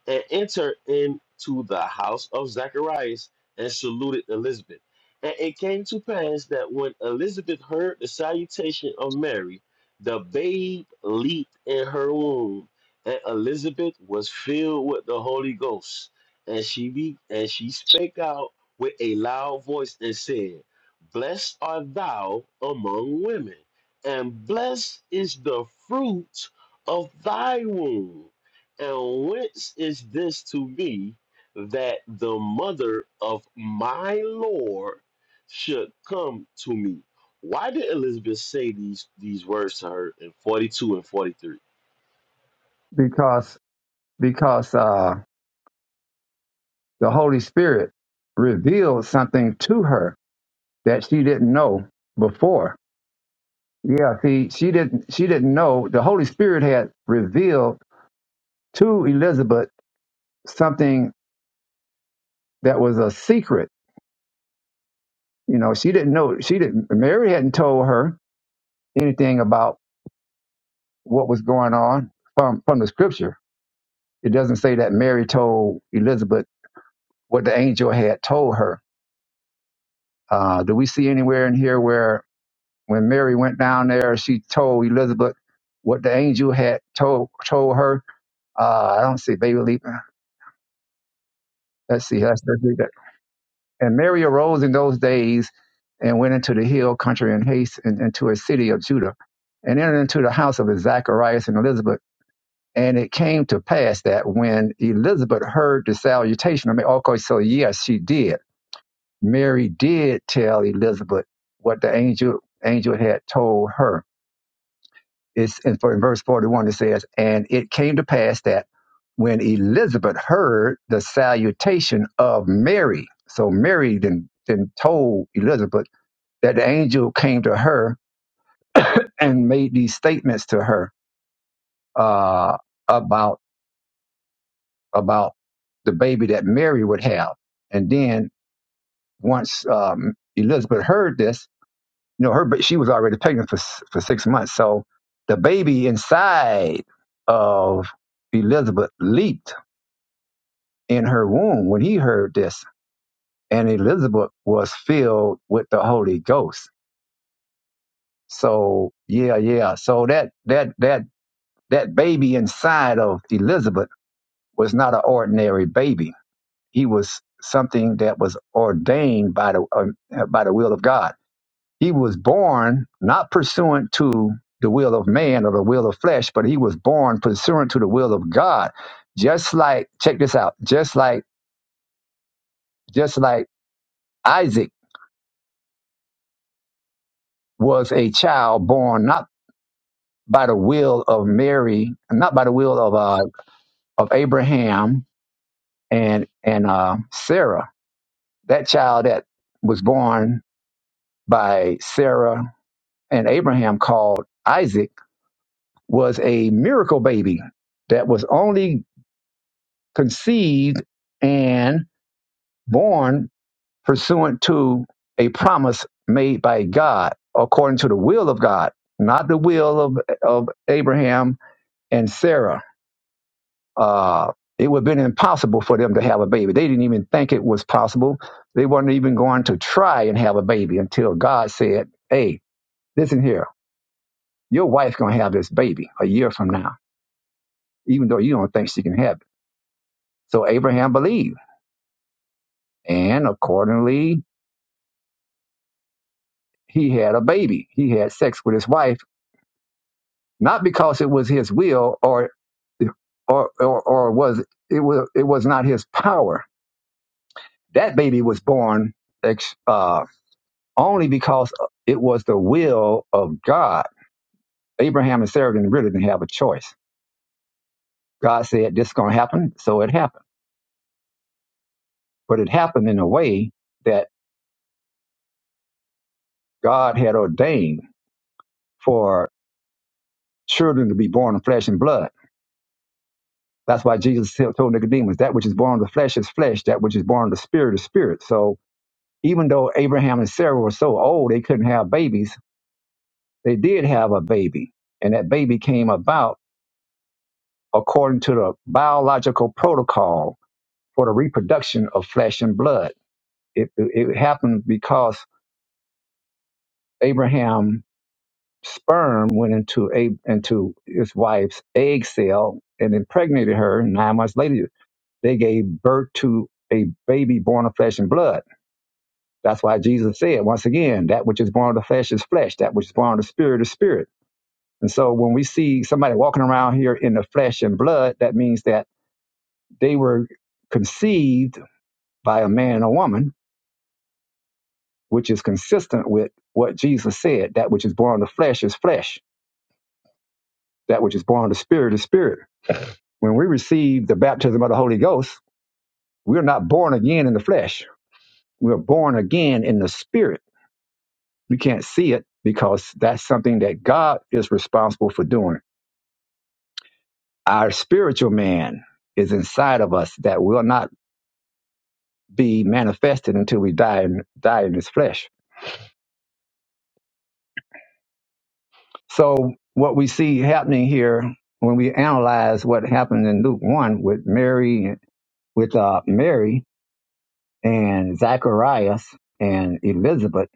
S2: and entered into the house of Zacharias and saluted Elizabeth. And it came to pass that when Elizabeth heard the salutation of Mary, the babe leaped in her womb, and Elizabeth was filled with the Holy Ghost, and she be, and she spake out with a loud voice and said, Blessed art thou among women, and blessed is the fruit of thy womb. And whence is this to me that the mother of my Lord should come to me? Why did Elizabeth say these these words to her in 42 and 43?
S1: Because because uh, the Holy Spirit revealed something to her that she didn't know before. Yeah, see, she didn't she didn't know the Holy Spirit had revealed to Elizabeth something that was a secret. You know, she didn't know she didn't Mary hadn't told her anything about what was going on from from the scripture. It doesn't say that Mary told Elizabeth what the angel had told her Uh, do we see anywhere in here where when Mary went down there, she told Elizabeth what the angel had told told her? Uh, I don't see baby leap. Let's see. Let's, let's read that. And Mary arose in those days and went into the hill country in haste and into a city of Judah and entered into the house of Zacharias and Elizabeth. And it came to pass that when Elizabeth heard the salutation, I mean, okay, so yes, she did. Mary did tell Elizabeth what the angel angel had told her It's and for in verse 41 it says, And it came to pass that when Elizabeth heard the salutation of Mary, so Mary then then told Elizabeth that the angel came to her and made these statements to her uh, about about the baby that Mary would have. And then once um, Elizabeth heard this, you know, her but she was already pregnant for s- for six months. So the baby inside of Elizabeth leaped in her womb when he heard this. And Elizabeth was filled with the Holy Ghost. So yeah, yeah. So that that that that baby inside of Elizabeth was not an ordinary baby. He was something that was ordained by the um, uh, by the will of God. He was born not pursuant to the will of man or the will of flesh, but he was born pursuant to the will of God. Just like check this out. Just like just like Isaac. was a child born not by the will of Mary, not by the will of uh, of Abraham and and uh, Sarah. That child that was born by Sarah and Abraham, called Isaac, was a miracle baby that was only conceived and born pursuant to a promise made by God, according to the will of God, not the will of of Abraham and Sarah uh, it would have been impossible for them to have a baby. They didn't even think it was possible. They weren't even going to try and have a baby until God said, Hey, listen here, your wife's going to have this baby a year from now, even though you don't think she can have it. So Abraham believed. And accordingly, he had a baby. He had sex with his wife, not because it was his will or or or, or was it was it was not his power. That baby was born. ex, uh, only because it was the will of God. Abraham and Sarah didn't really didn't have a choice. God said this is going to happen, so it happened. But it happened in a way that God had ordained for children to be born of flesh and blood. That's why Jesus told Nicodemus, that which is born of the flesh is flesh, that which is born of the spirit is spirit. So even though Abraham and Sarah were so old they couldn't have babies, they did have a baby. And that baby came about according to the biological protocol for the reproduction of flesh and blood. It, it happened because Abraham's sperm went into a, into his wife's egg cell and impregnated her. nine months later, they gave birth to a baby born of flesh and blood. That's why Jesus said, once again, that which is born of the flesh is flesh, that which is born of the spirit is spirit. And so when we see somebody walking around here in the flesh and blood, that means that they were conceived by a man or woman which is consistent with what Jesus said that which is born of the flesh is flesh, that which is born of the spirit is spirit. When we receive the baptism of the Holy Ghost, we're not born again in the flesh, we're born again in the spirit. We can't see it because that's something that God is responsible for doing. Our spiritual man is inside of us that will not be manifested until we die in, die in this flesh. So, what we see happening here when we analyze what happened in Luke 1 with Mary with uh, Mary and Zacharias and Elizabeth,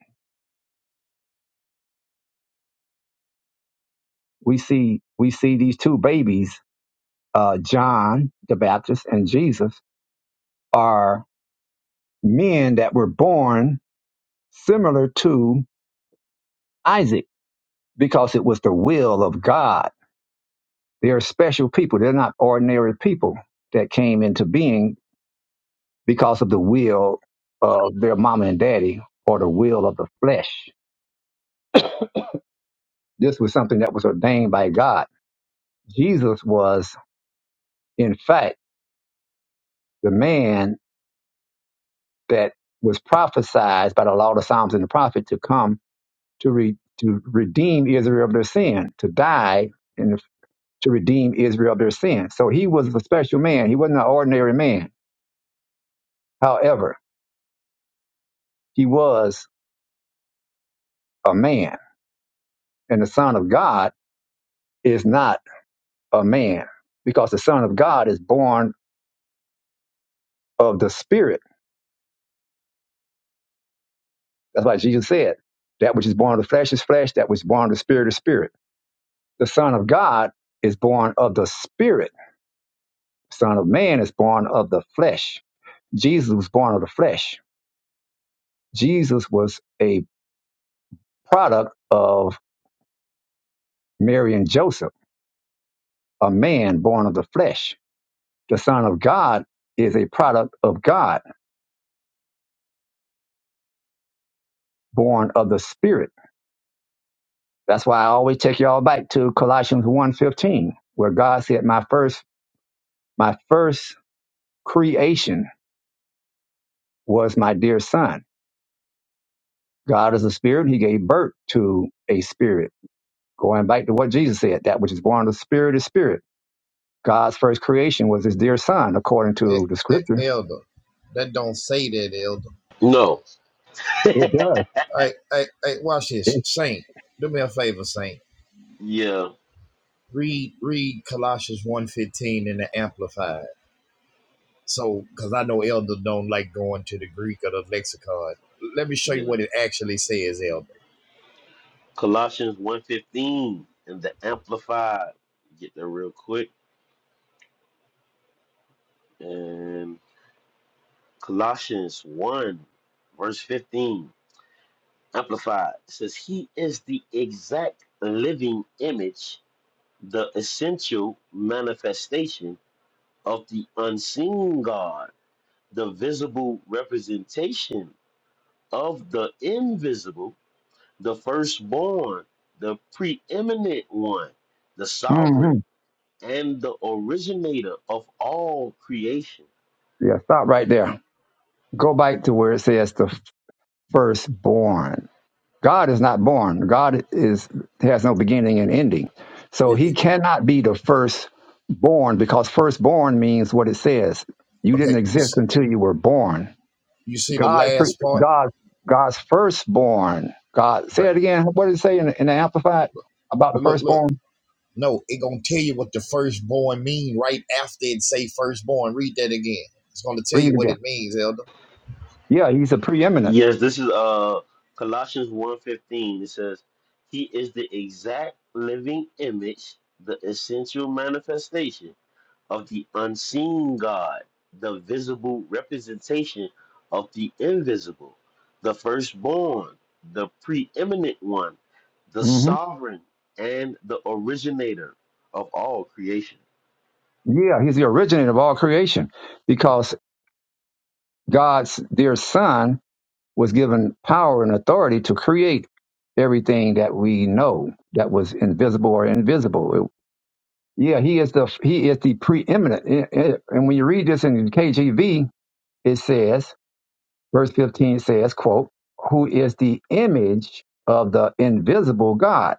S1: we see we see these two babies, uh, John the Baptist and Jesus, are men that were born similar to Isaac because it was the will of God. They are special people. They're not ordinary people that came into being because of the will of their mama and daddy or the will of the flesh. This was something that was ordained by God. Jesus was, in fact, the man that was prophesied by the law, the Psalms, and the prophet to come to re- to redeem Israel of their sin, to die and to redeem Israel of their sin. So he was a special man. He wasn't an ordinary man. However, he was a man, and the Son of God is not a man because the Son of God is born of the Spirit. That's why Jesus said, "That which is born of the flesh is flesh; that which is born of the Spirit is spirit." The Son of God is born of the Spirit Son of Man is born of the flesh. Jesus was born of the flesh. Jesus was a product of Mary and Joseph, a man born of the flesh. The Son of God is a product of God, born of the Spirit. That's why I always take y'all back to Colossians one fifteen, where God said, My first, my first creation was my dear son. God is a spirit. He gave birth to a spirit. Going back to what Jesus said, that which is born of the spirit is spirit God's first creation was his dear son, according
S4: Eh,
S1: to the
S4: eh,
S1: scripture.
S4: Elder, that don't say that, Elder.
S2: No.
S1: It does.
S4: Hey, hey, hey, watch this,
S1: It,
S4: Saint. Do me a favor, Saint.
S2: Yeah,
S4: Read, read Colossians one fifteen in the Amplified. So, cause I know Elder don't like going to the Greek or the lexicon. Let me show you
S2: yeah.
S4: what it actually says, Elder.
S2: Colossians one fifteen in the amplified. Get there real quick. and. Colossians 1, verse 15, amplified says, He is the exact living image, the essential manifestation of the unseen God, the visible representation of the invisible, the firstborn, the preeminent one, the
S1: hmm
S2: sovereign, and the originator of all creation.
S1: Yeah, stop right there. Go back to where it says the firstborn. God is not born. God is has no beginning and ending. So
S4: It,
S1: he
S4: it,
S1: cannot be the firstborn because firstborn means what it says. You
S4: okay,
S1: didn't
S4: you
S1: exist
S4: s-
S1: until you were born.
S4: you see the
S1: God,
S4: last part?
S1: God, God's firstborn. God, say
S4: Okay,
S1: it again. What did it say in, in the Amplified about the
S4: look, look, look.
S1: firstborn?
S4: No, it gonna tell you what the firstborn mean right after it say firstborn. Read that again. It's gonna tell
S1: Read
S4: you
S1: it
S4: what
S1: again.
S4: it means, Elder.
S1: Yeah, he's a preeminent.
S2: Yes, this is uh Colossians one fifteen. It says, He is the exact living image, the essential manifestation of the unseen God, the visible representation of the invisible, the firstborn, the preeminent one, the
S1: hmm
S2: sovereign, and the originator of all creation.
S1: Yeah, he's the originator of all creation because God's dear son was given power and authority to create everything that we know that was invisible or invisible. It- yeah, he is the he is the preeminent. I- I- And when you read this in KJV, it says, verse 15 says, quote, who is the image of the invisible God.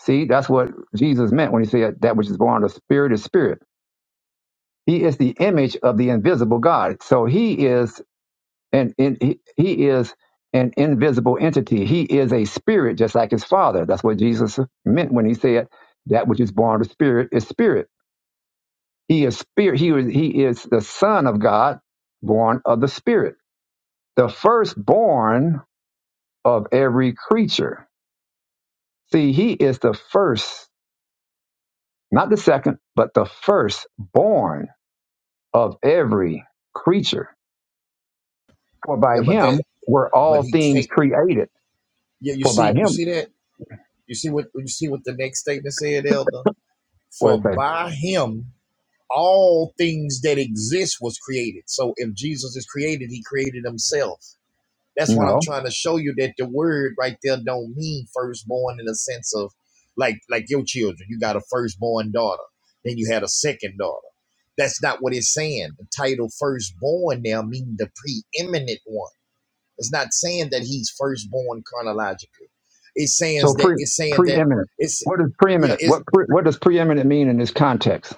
S1: See, that's what Jesus meant when he said that which is born of the spirit is spirit He is the image of the invisible God. So he is an in, he he is an invisible entity. He is a spirit, just like his father. That's what Jesus meant when he said that which is born of the spirit is spirit. He is spirit. He is he is the son of God, born of the spirit, the firstborn of every creature. See, he is the first, not the second, but the firstborn of every creature For by
S4: Yeah, but that
S1: him were
S4: but
S1: all
S4: he
S1: things
S4: can't
S1: created.
S4: yeah, you
S1: For by
S4: see you
S1: him
S4: see that? You see what you see what the next statement said, Elder?
S1: was
S4: For
S1: they.
S4: by him all things that exist was created. So if Jesus is created, he created himself. That's what I'm
S1: No.
S4: trying to show you that the word right there don't mean firstborn in the sense of like like your children. You got a firstborn daughter, then you had a second daughter. That's not what it's saying. The title firstborn now means the preeminent one. It's not saying that he's firstborn chronologically. It's saying
S1: So
S4: that
S1: pre
S4: it's saying that
S1: preeminent.
S4: it's
S1: What is
S4: yeah,
S1: preeminent?
S4: it's
S1: What pre, what does preeminent mean in this context?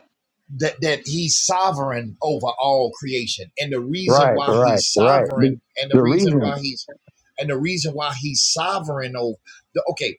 S4: that that he's sovereign over all creation and the reason
S1: Right,
S4: why
S1: right,
S4: he's
S1: right. The,
S4: sovereign and the
S1: the
S4: reason
S1: reason
S4: why he's and the reason why he's sovereign over the okay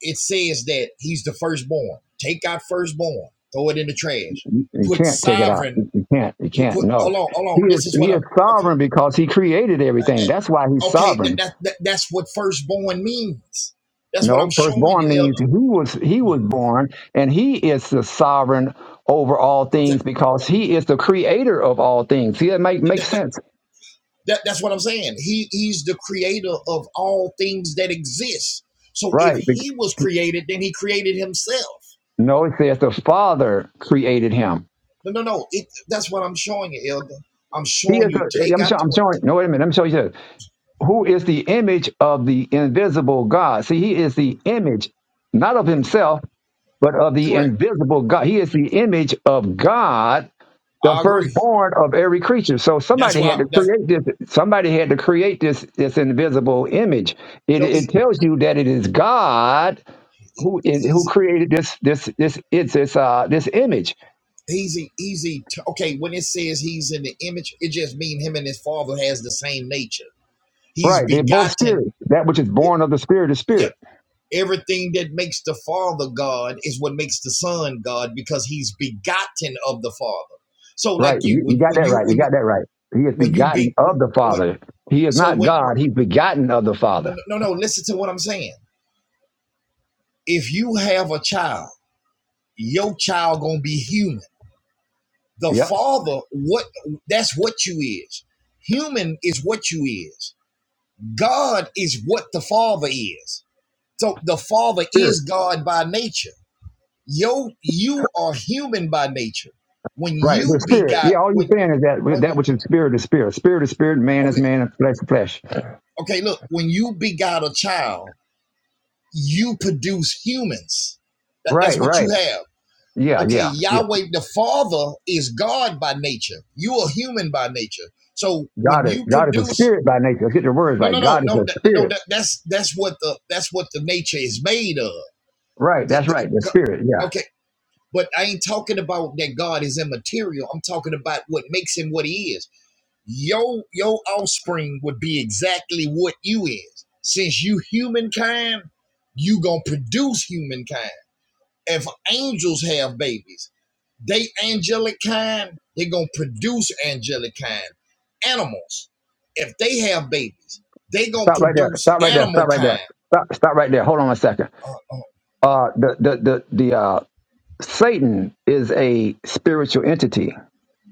S4: it says that he's the firstborn take out firstborn throw it in the trash
S1: you
S4: put
S1: can't take it out. You
S4: sovereign
S1: you can't. You
S4: put,
S1: can't.
S4: put
S1: No.
S4: hold on hold
S1: He
S4: on
S1: is
S4: this is what
S1: he
S4: i
S1: is
S4: okay
S1: sovereign because he created everything. That's why he's
S4: okay that,
S1: sovereign.
S4: that, that that's what firstborn means that's what
S1: No,
S4: i'm showing you
S1: firstborn means
S4: elder
S1: he was he was born and he is the sovereign over all things because he is the creator of all things. See, that make
S4: okay
S1: makes sense
S4: That, that's what I'm saying. He he's the creator of all things that exist. So
S1: Right.
S4: if he was
S1: bec-
S4: created, then he created himself.
S1: No, it says the Father created him.
S4: No, no, no. It, that's what I'm showing you, Elder. I'm
S1: He
S4: showing
S1: is. The,
S4: you.
S1: eh,
S4: Take
S1: I'm,
S4: out
S1: show,
S4: the
S1: I'm
S4: word.
S1: showing. No, wait a minute. I'm showing you this. Who is the image of the invisible God? See, he is the image, not of himself, but of the
S4: Correct.
S1: invisible God. He is the image of God, the
S4: I agree.
S1: firstborn of every creature. So
S4: That's
S1: somebody
S4: why.
S1: had to
S4: That's
S1: create this. Somebody had to create this this invisible image. It,
S4: no.
S1: it
S4: He,
S1: tells you that it is God
S4: he-
S1: who who
S4: he's
S1: created this this this it's this uh this image.
S4: he's a- he's a- okay. When it says he's in the image, it just means him and his father has the same nature. He's
S1: Right. They're both
S4: begotten.
S1: spirit. That which is born of the spirit is
S4: Yeah,
S1: spirit.
S4: Everything that makes the Father God is what makes the Son God because He's begotten of the Father. So, like
S1: Right.
S4: you,
S1: You, you
S4: when
S1: got
S4: when
S1: that
S4: you
S1: right. You
S4: when you
S1: got that right. He is
S4: when you be
S1: begotten of the
S4: when,
S1: Father. He is
S4: so
S1: not
S4: when
S1: God. He's begotten of the
S4: no,
S1: Father.
S4: no no no, listen to what I'm saying. If you have a child, your child gonna be human. The
S1: Yep.
S4: Father, what that's what you is. Human is what you is. God is what the Father is. So the Father
S1: Spirit.
S4: is God by nature Yo, you are human by nature. When
S1: Right. The
S4: you
S1: spirit.
S4: begot,
S1: Yeah. All you're
S4: when
S1: saying is that
S4: when you,
S1: that which is spirit is spirit. Spirit is spirit. Man is
S4: okay,
S1: man. And flesh is flesh.
S4: okay, look, when you begot a child, you produce humans. That, that's
S1: Right.
S4: what
S1: Right.
S4: you have.
S1: Yeah.
S4: Okay,
S1: Yeah. Yeah.
S4: Yahweh, the Father is God by nature. You are human by nature. So when
S1: God is
S4: you
S1: God is a
S4: produce,
S1: spirit by nature. Let's get your words
S4: no,
S1: right.
S4: no, no,
S1: God is
S4: no,
S1: a
S4: that, no,
S1: spirit.
S4: that, that's that's what the that's what the nature is made of.
S1: Right.
S4: The,
S1: That's right.
S4: the,
S1: The spirit.
S4: go-
S1: Yeah.
S4: okay, but I ain't talking about that God is immaterial. I'm talking about what makes him what he is your your offspring would be exactly what you is. Since you humankind, you gonna produce humankind. If angels have babies, they angelic kind, they gonna produce angelic kind. Animals, if they have babies, they gonna
S1: Stop right there.
S4: produce
S1: Stop right there. Stop
S4: animal
S1: right there.
S4: kind.
S1: Stop. Stop right there. Hold on a second.
S4: Uh, uh,
S1: Uh, the the the the uh Satan is a spiritual entity,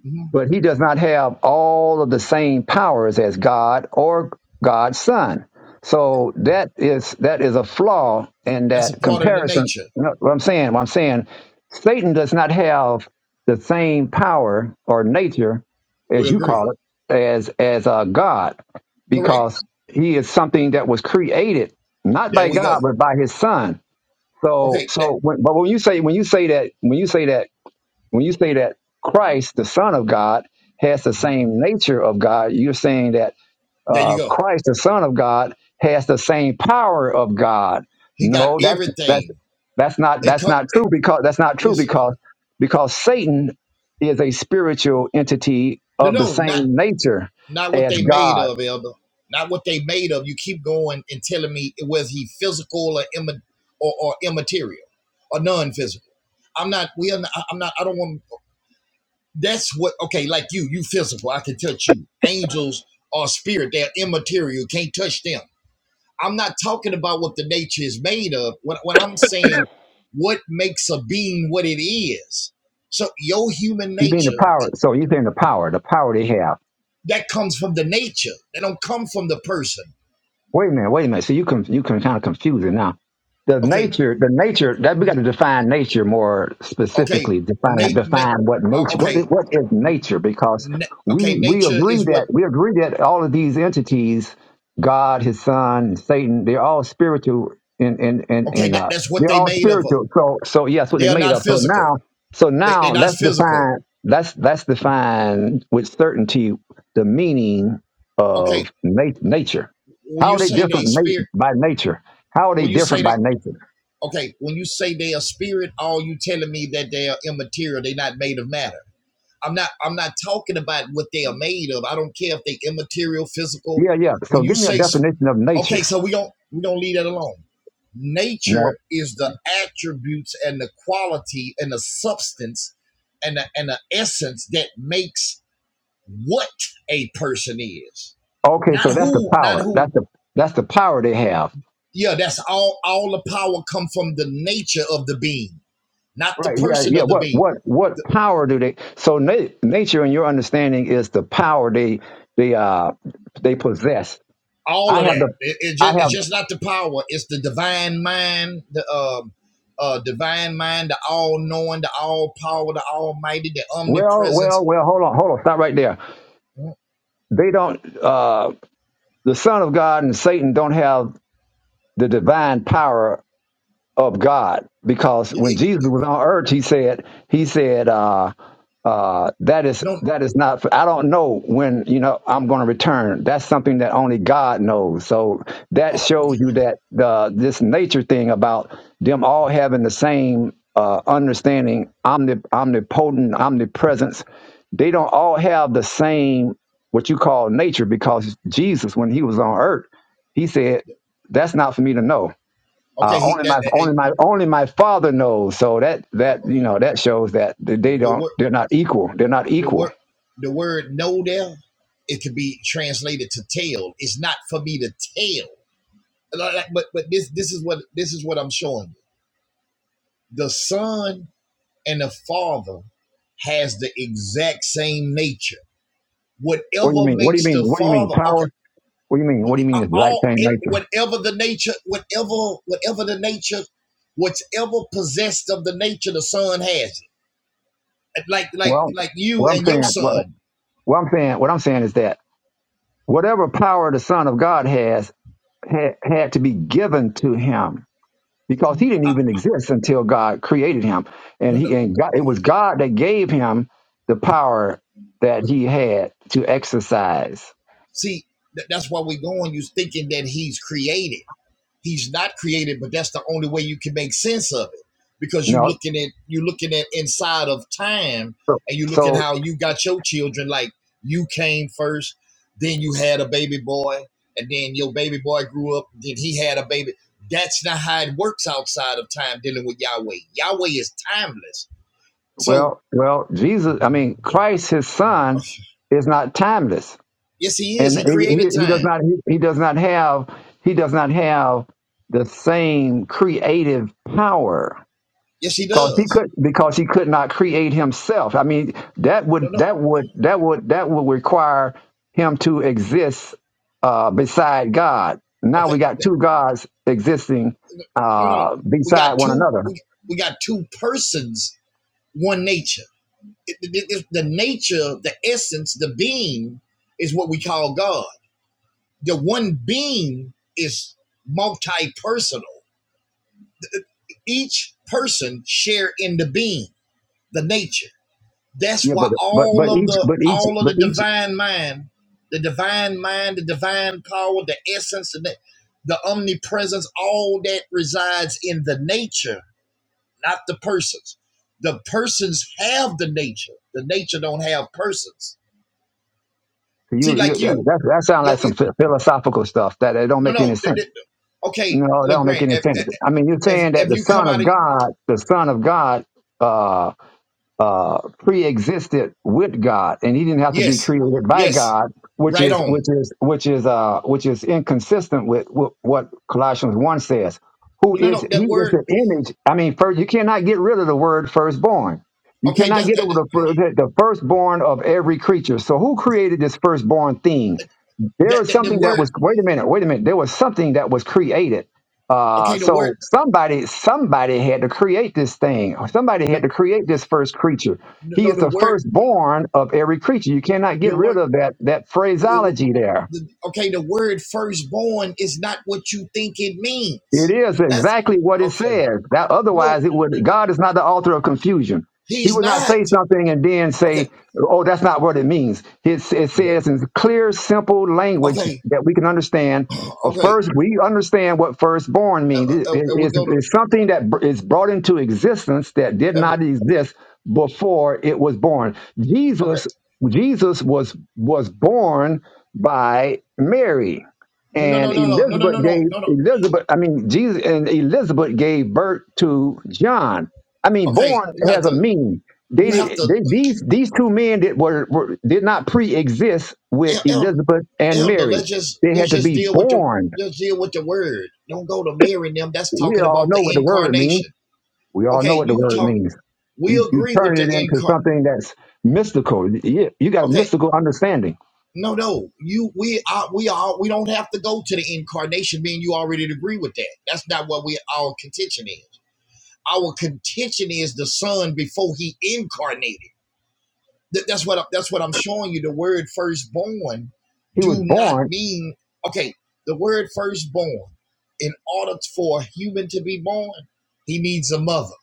S4: mhm.
S1: but he does not have all of the same powers as God or God's son. So that is that is a flaw in
S4: That's a
S1: that
S4: part of the
S1: comparison.
S4: nature.
S1: You know what I'm saying, what I'm saying, Satan does not have the same power or nature, as
S4: We
S1: you
S4: agree.
S1: call it, as as uh, God,
S4: Correct.
S1: because he is something that was created not
S4: There
S1: by
S4: we
S1: God
S4: go.
S1: but by His Son. So
S4: Okay. That,
S1: so, when, but when you say when you say that when you say that when you say that Christ, the Son of God, has the same nature of God, you're saying that
S4: there you
S1: uh,
S4: go.
S1: Christ, the Son of God, has the same power of God.
S4: He got
S1: No, that's that's
S4: everything.
S1: that's not
S4: It
S1: that's
S4: come.
S1: not
S4: It,
S1: true because that's not true
S4: yes, sir.
S1: because because Satan is a spiritual entity
S4: No,
S1: of the
S4: no, not.
S1: same nature
S4: not what
S1: as
S4: they made
S1: God.
S4: of, Elder. Not what they made of. You keep going and telling me whether he physical or imma- or, or immaterial or non-physical. I'm not. We are. Not, I- am not. I don't want. That's what. Okay, like you. You physical. I can touch you. Angels are spirit. They're immaterial. can't touch them. I'm not talking about what the nature is made of. When, when I'm saying what makes a being what it is. So your human
S1: You mean the
S4: nature
S1: power? So you're saying the power, the power they have.
S4: that comes from the nature. That don't come from the person.
S1: Wait a minute, wait a minute. So you can you can kind of confuse it now. The
S4: Okay
S1: nature, the nature that we got to define nature more
S4: Okay,
S1: specifically. Define
S4: Nate. Na-
S1: define what
S4: oh,
S1: nature what is,
S4: okay,
S1: what is nature because
S4: na-
S1: we
S4: okay.
S1: we
S4: Nature
S1: agree
S4: is what.
S1: that we agree that all of these entities, God, His Son, Satan, they're all spiritual In in in
S4: Okay,
S1: in
S4: that,
S1: uh,
S4: that's what
S1: they're
S4: they
S1: all
S4: made of.
S1: spiritual. So so yes, what
S4: They
S1: they
S4: are
S1: made
S4: not
S1: of. So
S4: physical.
S1: now so
S4: They they're
S1: now
S4: not
S1: let's
S4: physical.
S1: define let's let's define with certainty the meaning
S4: Okay,
S1: of na- nature
S4: when
S1: how are
S4: you
S1: they
S4: say they
S1: different na-
S4: spirit,
S1: by nature? How are they
S4: when you say
S1: different
S4: they
S1: by nature?
S4: okay, when you say they are spirit, all you telling me that they are immaterial. They're not made of matter. I'm not I'm not talking about what they are made of. I don't care if they immaterial, physical.
S1: Yeah, yeah.
S4: When
S1: So
S4: you
S1: give me a
S4: say
S1: definition of
S4: okay,
S1: nature.
S4: so we don't we don't leave that alone.
S1: No.
S4: Nature is the attributes and the quality and the substance and the, and the essence that makes what a person is.
S1: Okay,
S4: Not
S1: so that's the
S4: who, not
S1: power.
S4: who.
S1: That's the that's the power they have.
S4: Yeah, that's all all the power come from the nature of the being, not the
S1: Right. Yeah.
S4: person
S1: Yeah.
S4: of the
S1: What
S4: being
S1: what what power do they? So na- nature, in your understanding, is the power they they uh they possess.
S4: all
S1: I
S4: of
S1: have
S4: that.
S1: the
S4: It, it
S1: I
S4: just,
S1: have
S4: it's just not the power. It's the divine mind, the um, uh, divine mind, the all knowing, the all power, the almighty, the
S1: well well
S4: omnipresence.
S1: well. Hold on hold on. Stop right there.
S4: Mm,
S1: They don't. uh The Son of God and Satan don't have the divine power of God because
S4: y-
S1: when Jesus was on earth, he said, he said, uh, uh, that is
S4: Don't
S1: that is not. For, I don't know when you know I'm going to return. That's something that only God knows. So that
S4: oh, okay.
S1: shows you that the this nature thing about them all having the same uh, understanding, omnip- omnipotent, omnipresence. They don't all have the same what you call nature because Jesus, when he was on earth, he said, "That's not for me to know." Uh,
S4: okay, He,
S1: only
S4: that,
S1: my
S4: eh,
S1: only my only my father knows. So that
S4: eh,
S1: that you know that shows that they
S4: the
S1: don't
S4: word,
S1: they're not equal. They're not
S4: the
S1: equal.
S4: word, the word know there. It could be translated to tell. It's not for me to tell. Like- like- But but this this is what this is what I'm showing you. The son and the father has the exact same nature
S1: What do you
S4: whatever
S1: mean? What do you
S4: makes
S1: mean?
S4: the
S1: What do you mean?
S4: father okay
S1: Power? What do you mean? What do you mean? Is exact
S4: all
S1: same
S4: it,
S1: nature?
S4: whatever the nature whatever whatever the nature whatever possessed of the nature the son has like like
S1: Well,
S4: like you
S1: what I'm
S4: and your
S1: saying what,
S4: son
S1: what I'm saying what I'm saying is that whatever power the Son of God has had, had to be given to him because he didn't even exist until God created him, and
S4: no no no.
S1: he and God, it was God that gave him the power that he had to exercise.
S4: see tha- that's why we're going you thinking that he's created he's not created, but that's the only way you can make sense of it because
S1: You
S4: you are
S1: know,
S4: looking at you are looking at inside of time and you are looking
S1: so
S4: how you got your children like you came first, then you had a baby boy, and then your baby boy grew up, then he had a baby. That's not how it works outside of time dealing with Yahweh. Yahweh is timeless. So
S1: Well, well, Jesus, I mean, Christ, his son,
S4: [SIGHS]
S1: is not timeless.
S4: yes, he is.
S1: And
S4: He
S1: he, he,
S4: created
S1: he does
S4: time.
S1: not he, he does not have he does not have the same creative power
S4: Yes, he
S1: because he
S4: does.
S1: could because he could not create himself. I mean, that would
S4: No, no.
S1: that would that would that would require him to exist uh, beside God. Now
S4: Okay.
S1: we got two gods existing
S4: No, no. no.
S1: uh,
S4: We
S1: beside
S4: got
S1: one
S4: two.
S1: another.
S4: We, we got two persons one nature. It- it- it- the nature, the essence, the being is what we call God. The one being is multi-personal. Each person share in the being, the nature. That's
S1: Yeah,
S4: why
S1: but but but
S4: all of
S1: each
S4: the
S1: but each
S4: all of
S1: but
S4: the
S1: each
S4: divine mind, the divine mind, the divine power, the essence, the, the omnipresence, all that resides in the nature, not the persons. The persons have the nature. The nature don't have persons
S1: So
S4: See,
S1: You, you,
S4: like
S1: yeah,
S4: you,
S1: that, that sounds
S4: yo,
S1: like some
S4: you-
S1: phi- philosophical stuff that it don't
S4: no,
S1: make any
S4: no. th-
S1: sense.
S4: th- okay,
S1: No, that don't make
S4: LeGrand,
S1: any
S4: if,
S1: sense. I mean, you're
S4: if
S1: saying that
S4: if
S1: the
S4: you come
S1: Son
S4: out
S1: of
S4: of
S1: God, the Son of God, uh, uh, pre-existed with God, and he didn't have to be
S4: yes,
S1: created by
S4: yes,
S1: God, which
S4: right
S1: is, which
S4: on.
S1: is, which is, uh, which is inconsistent with, with what Colossians one says. Who
S4: No, no,
S1: is
S4: no.
S1: he?
S4: That
S1: Is
S4: word.
S1: the image? I mean, first you cannot get rid of the word firstborn. You
S4: Okay,
S1: cannot
S4: that
S1: get over
S4: and
S1: the, fir- the the firstborn of every creature. So who created this firstborn thing? there
S4: that,
S1: was
S4: that the
S1: something that
S4: word.
S1: was wait a minute wait a minute there was something that was created uh
S4: Okay, the word.
S1: so somebody somebody had to create this thing somebody
S4: The,
S1: had to create this first creature
S4: no,
S1: he
S4: no,
S1: is
S4: the
S1: the
S4: word.
S1: firstborn of every creature you cannot get
S4: The
S1: rid
S4: word.
S1: of that that
S4: The, the,
S1: phraseology there
S4: the- okay, the word firstborn is not what you think it
S1: It
S4: means.
S1: is
S4: That's
S1: exactly what it
S4: okay.
S1: says. That
S4: No,
S1: otherwise it
S4: th-
S1: would
S4: th-
S1: God is not the author of confusion. He
S4: he's
S1: would not
S4: not.
S1: say something and then
S4: Okay,
S1: say, "Oh, that's not what it means." It, it
S4: okay,
S1: says in clear, simple language
S4: okay.
S1: that we can understand.
S4: [CLEARS THROAT]
S1: Well,
S4: okay.
S1: first, we understand what firstborn
S4: Uh,
S1: means. It-
S4: uh,
S1: it-
S4: uh, we
S1: it's,
S4: go to.
S1: it's something that br- is brought into existence that did
S4: Uh,
S1: not exist before it was born.
S4: okay.
S1: Jesus, Jesus was was born by Mary
S4: No, no, no,
S1: and
S4: no, no, no, no, no,
S1: Elizabeth
S4: no,
S1: gave
S4: no.
S1: Elizabeth. I mean, Jesus and Elizabeth gave birth to John. I mean,
S4: okay,
S1: born
S4: you got
S1: has a
S4: to
S1: meaning. They,
S4: you have
S1: did,
S4: to
S1: they these these two men that were, were did not pre-exist with Elizabeth and
S4: elder.
S1: Mary.
S4: Let's just
S1: They had
S4: let's
S1: to
S4: just
S1: be
S4: deal with the
S1: born.
S4: let's deal with the word. Don't go to Mary and them. That's
S1: We
S4: talking
S1: all
S4: about
S1: know
S4: the
S1: what the word means.
S4: incarnation.
S1: We all
S4: Okay,
S1: know what the
S4: you
S1: word
S4: talk.
S1: means.
S4: We
S1: You you
S4: agree with
S1: turn
S4: the
S1: it into
S4: incar.
S1: something that's mystical. You, you got a
S4: Okay,
S1: mystical understanding.
S4: no, no. You we are we are we don't have to go to the incarnation. Meaning you already agree with that. That's not what we our contention is. Our contention is the Son before He incarnated. Th- that's what I, that's what I'm showing you. The word firstborn
S1: He was
S4: do not
S1: born
S4: mean okay. The word firstborn, in order for a human to be born, he needs a mother.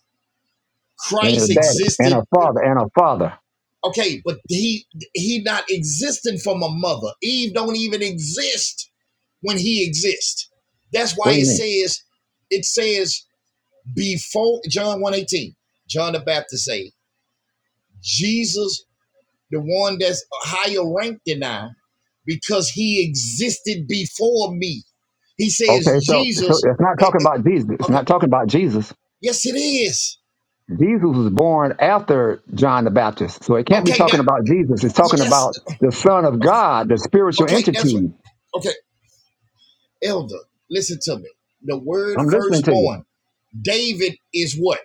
S1: and a
S4: Christ
S1: daddy and a
S4: existed.
S1: father and a father.
S4: Okay, but he he not existing from a mother. Eve don't even exist when he exists. That's
S1: What
S4: why
S1: do you
S4: it
S1: mean?
S4: says it says before John 118, John the Baptist say, Jesus the one that's higher ranked than I, because he existed before me. He says
S1: Okay, so so
S4: Jesus.
S1: it's not
S4: eh,
S1: talking
S4: eh,
S1: about Jesus. It's
S4: Okay,
S1: not talking about Jesus.
S4: yes, it is.
S1: Jesus was born after John the Baptist, so it can't be
S4: Okay,
S1: talking
S4: that
S1: about Jesus. It's talking
S4: yes.
S1: about the Son of God, the spiritual
S4: Okay, that's what.
S1: entity.
S4: Okay, elder, listen to me. The word
S1: I'm listening to you.
S4: firstborn. David is what?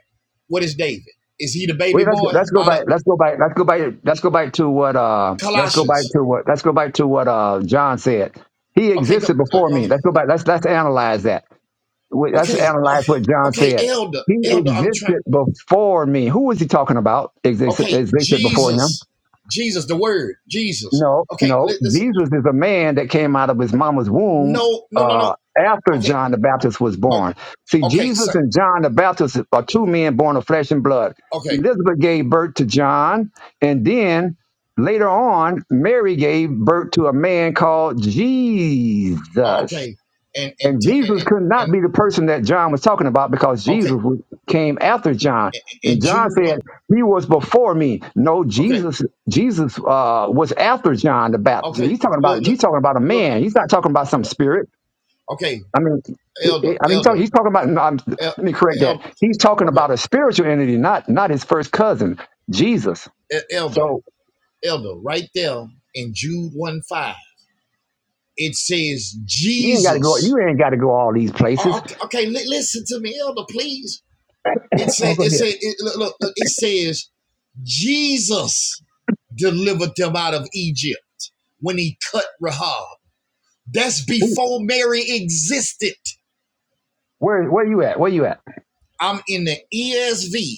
S4: What is David? Is he the
S1: Wait,
S4: baby
S1: let's
S4: boy
S1: let's go
S4: out
S1: back.
S4: of
S1: Let's go back. Let's go back. Let's go back to what. Uh, let's go back
S4: Colossians?
S1: to what. Let's go back to what uh, John said. He
S4: Okay, go,
S1: existed
S4: uh,
S1: before
S4: uh,
S1: me. Let's go back. Let's let's analyze that. Wait, Let's
S4: okay, uh,
S1: analyze what John
S4: okay,
S1: said.
S4: elder,
S1: He
S4: elder. I'm trying.
S1: existed before me. Who was he talking about? Exist-
S4: Okay,
S1: Existed before him.
S4: Jesus, Jesus, the Word, Jesus.
S1: No,
S4: Okay,
S1: no.
S4: listen.
S1: Jesus is a man that came out of his mama's womb
S4: No, no, no, no.
S1: uh, after
S4: Okay,
S1: John the Baptist was
S4: oh,
S1: born. See,
S4: okay,
S1: Jesus
S4: so,
S1: and John the Baptist are two men born of flesh and blood.
S4: okay,
S1: Elizabeth gave birth to John, and then later on, Mary gave birth to a man called
S4: oh,
S1: Jesus.
S4: okay, and and
S1: And
S4: t- and
S1: Jesus
S4: and,
S1: could not
S4: and
S1: be the person that John was talking about because
S4: okay,
S1: Jesus was- came after John.
S4: and,
S1: And
S4: and
S1: John
S4: Jude
S1: said,
S4: what?
S1: He was before me. No,
S4: Okay,
S1: Jesus, Jesus uh, was after John the Baptist.
S4: okay.
S1: He's talking
S4: Look,
S1: about
S4: look,
S1: he's talking about a
S4: look.
S1: man. He's not talking about some
S4: Okay,
S1: spirit.
S4: okay.
S1: I mean, he-
S4: Elder,
S1: he- I mean, he's talking,
S4: elder,
S1: he's talking about. no, I'm,
S4: el,
S1: let me correct that.
S4: el,
S1: He's talking
S4: okay,
S1: about a spiritual entity, not not his first cousin, Jesus.
S4: e- elder,
S1: So
S4: elder. Right there in Jude one five, it says
S1: you ain't got to go. You
S4: Jesus.
S1: ain't got to go all these
S4: Oh,
S1: places.
S4: okay, okay. Li- listen to me, elder, please. It
S1: [LAUGHS] Oh,
S4: say
S1: go
S4: it
S1: ahead.
S4: say it, look, look, look. It says Jesus delivered them out of Egypt when he cut Rahab. That's
S1: Who-
S4: before Mary existed.
S1: Where where you at? Where you at?
S4: I'm in the ESV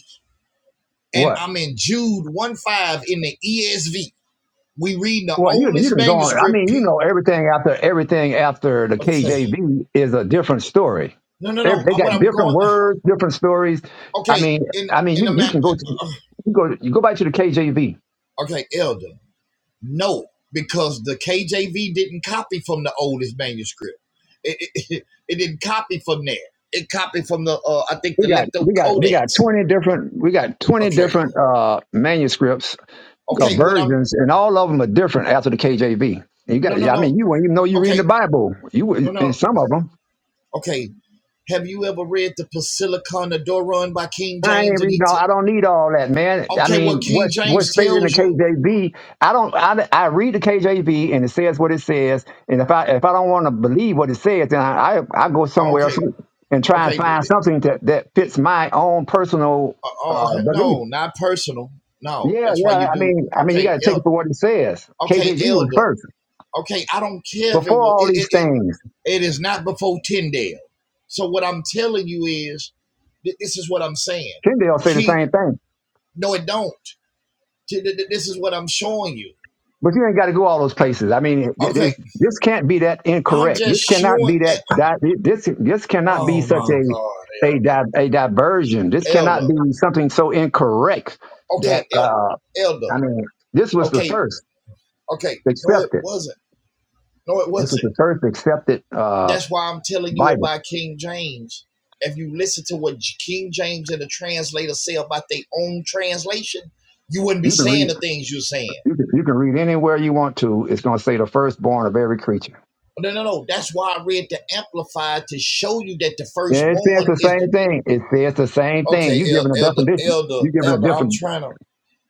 S4: and
S1: What?
S4: I'm in Jude 1 5 in the ESV. We read the
S1: Well, you you
S4: oldest
S1: can go on. I
S4: manuscript.
S1: mean, you
S4: P-
S1: know, everything after everything after the
S4: okay.
S1: KJV is a different story.
S4: No, no,
S1: Every-
S4: no.
S1: They got
S4: What I'm
S1: different
S4: going.
S1: words, different stories. I
S4: Okay.
S1: mean,
S4: In,
S1: I mean,
S4: in the
S1: you, you can go to
S4: ma-
S1: you go you go back to the KJV.
S4: Okay, elder. No, because the KJV didn't copy from the oldest manuscript. It, it, [LAUGHS] it didn't copy from there. It copied from the uh, I think the
S1: We got
S4: Lepto
S1: we got we got
S4: Codex.
S1: twenty different we got twenty
S4: Okay,
S1: different uh, manuscripts uh,
S4: okay. What I'm
S1: versions, and all of them are different after the KJV. You got
S4: no no
S1: I
S4: no.
S1: mean, you wouldn't even know you're reading
S4: Okay,
S1: the Bible. You
S4: no
S1: would-
S4: no.
S1: and some of them.
S4: Okay. Have you ever read the Basilicon Doron by King
S1: I ain't
S4: James? And
S1: reading
S4: he
S1: all.
S4: t-
S1: I don't need all that, man. I
S4: okay, what
S1: mean,
S4: King
S1: what's what's
S4: James
S1: stated in the
S4: tells you.
S1: KJV? I don't. I, I read the KJV and it says what it says. And if I if I don't want to believe what it says, then I, I I go
S4: uh,
S1: somewhere else
S4: Okay,
S1: and try and
S4: okay,
S1: find something that that fits my own personal
S4: uh, uh,
S1: uh,
S4: okay.
S1: belief.
S4: No, not personal. No,
S1: Yeah,
S4: that's why
S1: yeah.
S4: you
S1: I
S4: do.
S1: mean, I mean, you
S4: Okay,
S1: got to take
S4: el-
S1: it for what it says.
S4: okay,
S1: KJG was
S4: elder
S1: first.
S4: okay, I don't care if it
S1: Before
S4: was.
S1: all
S4: it it
S1: these
S4: it.
S1: things,
S4: It is not before Tyndale. So what I'm telling you is, this is what I'm saying.
S1: Tyndale say the
S4: Keep
S1: same thing.
S4: no, it don't. This is what I'm showing you.
S1: But you ain't got to go all those places. I mean, th-
S4: Okay,
S1: this this can't be that
S4: I'm
S1: incorrect.
S4: just
S1: This cannot
S4: showing.
S1: be
S4: eh,
S1: that that this this cannot be
S4: Oh
S1: such
S4: my God,
S1: a a
S4: Elder,
S1: di- a diversion. This
S4: Elder.
S1: cannot be something so incorrect that
S4: Okay,
S1: uh,
S4: Elder.
S1: I mean, this was the
S4: Okay,
S1: first
S4: okay. No, it
S1: accepted.
S4: wasn't. No, it
S1: This was
S4: wasn't.
S1: the first accepted uh,
S4: That's why I'm telling you
S1: Bible.
S4: about King James. If you listen to what King James and the translators say about their own translation, you wouldn't be
S1: You can read
S4: saying the things you're saying.
S1: you can, you can read anywhere you want to. It's going to say the firstborn of every creature.
S4: No, no, no. That's why I read the Amplified to show you that the
S1: Yeah, it says
S4: firstborn
S1: the
S4: is the
S1: same thing. It says the same thing.
S4: okay,
S1: You
S4: El-
S1: giving a
S4: elder,
S1: definition.
S4: elder,
S1: You giving a
S4: elder. I'm
S1: different
S4: trying to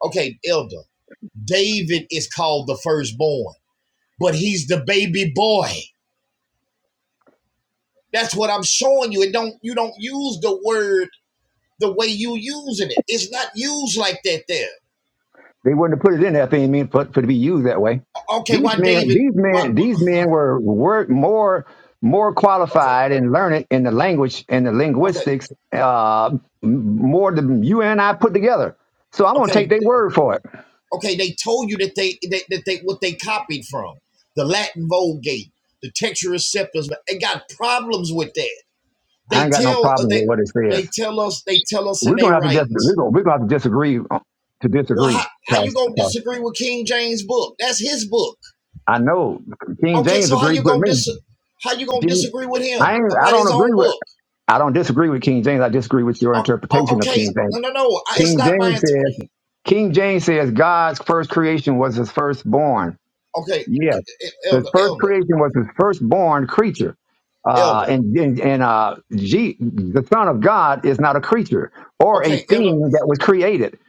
S4: okay, elder. David is called the firstborn, but he's the baby boy. That's what I'm showing you. It don't you don't use the word the way you using it. It's not used like that there.
S1: They wouldn't have put it in there if they didn't mean for, for it to be used that way.
S4: Okay,
S1: These
S4: why
S1: men,
S4: David?
S1: these
S4: Why?
S1: men, these men were, were more more
S4: Okay,
S1: qualified and learned in the language and the
S4: okay,
S1: linguistics uh, m- more than you and I put together. So I'm gonna take
S4: okay.
S1: their word for it.
S4: Okay, they told you that they they that they what they copied from the Latin Vulgate, the texture receptors. but They got problems with that.
S1: I
S4: They
S1: ain't got no
S4: tell uh,
S1: problem
S4: they
S1: with what it
S4: they
S1: says.
S4: tell us they tell us in
S1: We're gonna
S4: their
S1: have to dis- we're
S4: writings.
S1: gonna, we're gonna have to disagree on- to
S4: Well, how,
S1: disagree.
S4: how you
S1: Cause,
S4: gonna
S1: 'cause
S4: disagree with King James book? That's his book.
S1: I know King
S4: Okay,
S1: James
S4: so how
S1: agrees
S4: you
S1: with
S4: gonna
S1: me.
S4: dis how you gonna
S1: King-
S4: disagree with him
S1: I ain't, I
S4: about
S1: don't
S4: his
S1: agree
S4: own
S1: with
S4: book?
S1: I don't disagree with King James. I disagree with your
S4: O-
S1: interpretation of
S4: okay,
S1: King James.
S4: no, no, no. I, it's
S1: King
S4: not my
S1: James
S4: inter-
S1: says, King James says God's first creation was his firstborn.
S4: okay,
S1: Yes,
S4: e- e,
S1: his
S4: elder,
S1: first
S4: elder,
S1: creation was his firstborn creature. Uh,
S4: elder.
S1: and and, and uh, G, the Son of God is not a creature or a
S4: Okay, elder.
S1: thing that was created.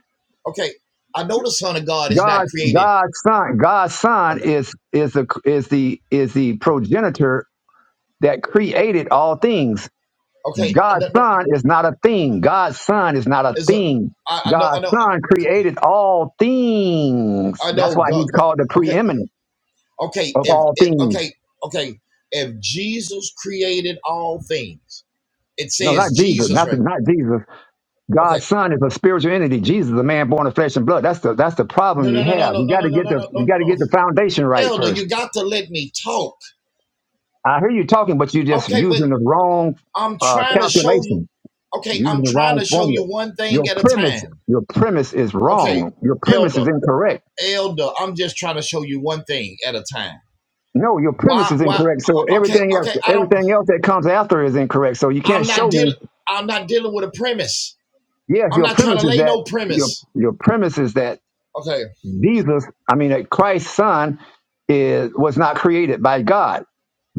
S4: Okay, I know the Son of God is
S1: God,
S4: not created.
S1: God's Son, God's Son
S4: Okay.
S1: is is the is the is the progenitor that created all things.
S4: Okay,
S1: God's
S4: no, no,
S1: son is not a thing. God's son is not a
S4: is a
S1: thing.
S4: I, I know I
S1: God's
S4: know
S1: son created all things.
S4: I
S1: That's
S4: know
S1: why
S4: go,
S1: he's
S4: go,
S1: called the
S4: okay
S1: preeminent
S4: okay
S1: of
S4: if
S1: all
S4: it,
S1: things.
S4: okay okay if Jesus created all things, it
S1: No, not
S4: says
S1: Jesus.
S4: Jesus
S1: Not,
S4: right.
S1: not Jesus.
S4: there. Okay.
S1: God's son is a spiritual entity. Jesus is a man born of flesh and blood. That's the that's the problem
S4: No no
S1: you
S4: no no
S1: have.
S4: no
S1: You
S4: no no
S1: gotta
S4: no
S1: get
S4: no
S1: the
S4: no
S1: you
S4: no
S1: gotta
S4: no.
S1: get the foundation right
S4: Elder,
S1: first.
S4: you got to let me talk.
S1: I hear you talking, but you're just
S4: Okay, but
S1: using the wrong
S4: I'm
S1: uh,
S4: trying to show you
S1: calculation,
S4: okay,
S1: You're
S4: I'm
S1: using the
S4: trying
S1: wrong
S4: to show
S1: formula.
S4: you one thing
S1: Your
S4: at a
S1: premise,
S4: time.
S1: your premise is
S4: Okay,
S1: wrong. Your premise
S4: Elder,
S1: is incorrect
S4: Elder, I'm just trying to show you one thing at a time.
S1: No, your premise
S4: Why
S1: is
S4: why
S1: incorrect. So
S4: okay,
S1: everything else,
S4: okay, I don't
S1: everything else that comes after is incorrect. So you can't
S4: I'm
S1: show
S4: not dealing.
S1: me.
S4: I'm not dealing with a premise.
S1: Yes,
S4: I'm
S1: your
S4: not trying
S1: premise
S4: to
S1: is
S4: lay
S1: that
S4: no
S1: your
S4: premise.
S1: your premise is that
S4: Okay.
S1: Jesus, I mean, that Christ's son is was not created by God.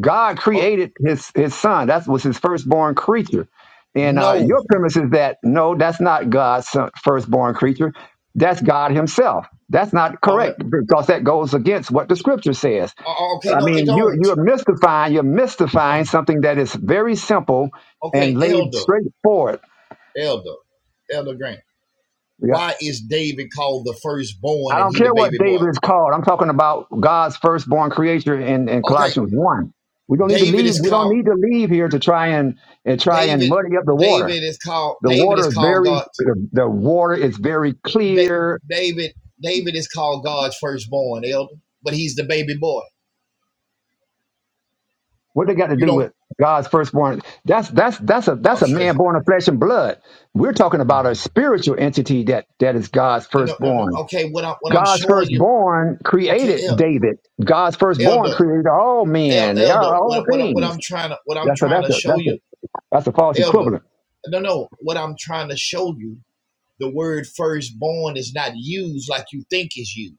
S1: God
S4: Oh,
S1: created his his son. That was his firstborn creature. And uh,
S4: no.
S1: your premise is that no, that's not God's son- firstborn creature. That's God Himself. That's not
S4: Okay.
S1: correct because that goes against what the Scripture says.
S4: Oh, okay.
S1: I
S4: No, it
S1: mean, you're
S4: don't.
S1: you're mystifying, you're mystifying
S4: Oh,
S1: something that is very simple
S4: okay,
S1: and laid
S4: Elder,
S1: straightforward.
S4: Elder, Elder Grant.
S1: Yeah.
S4: Why is David called the
S1: I
S4: firstborn and
S1: don't
S4: he the
S1: care what
S4: baby boy?
S1: David is called. I'm talking about God's firstborn creature in, in
S4: Okay,
S1: Colossians one. We don't need to
S4: David
S1: leave.
S4: is
S1: We don't
S4: called
S1: need to leave here to try and, and try and
S4: David.
S1: muddy up the water.
S4: David is called
S1: The
S4: David
S1: water
S4: is
S1: is
S4: called
S1: very
S4: God.
S1: the, the water is very
S4: Da-
S1: clear.
S4: David David is called God's firstborn, Elder, but he's the baby boy.
S1: What they got to
S4: You
S1: do
S4: don't.
S1: with God's firstborn? That's that's that's a that's a
S4: Okay.
S1: man born of flesh and blood. We're talking about a
S4: No,
S1: spiritual entity that that is God's
S4: no, no. no. no,
S1: firstborn
S4: Okay, what I'm what I'm
S1: God's
S4: showing you
S1: firstborn
S4: Okay,
S1: created
S4: El,
S1: David. God's firstborn
S4: Elder,
S1: created all
S4: El,
S1: men. They are
S4: Elder,
S1: all
S4: what, what what
S1: things.
S4: I'm trying to what I'm
S1: That's a
S4: trying
S1: that's
S4: to
S1: a
S4: show
S1: that's a
S4: you,
S1: that's a false
S4: Elder.
S1: equivalent.
S4: No, no, what I'm trying to show you, the word firstborn is not used like you think it's used.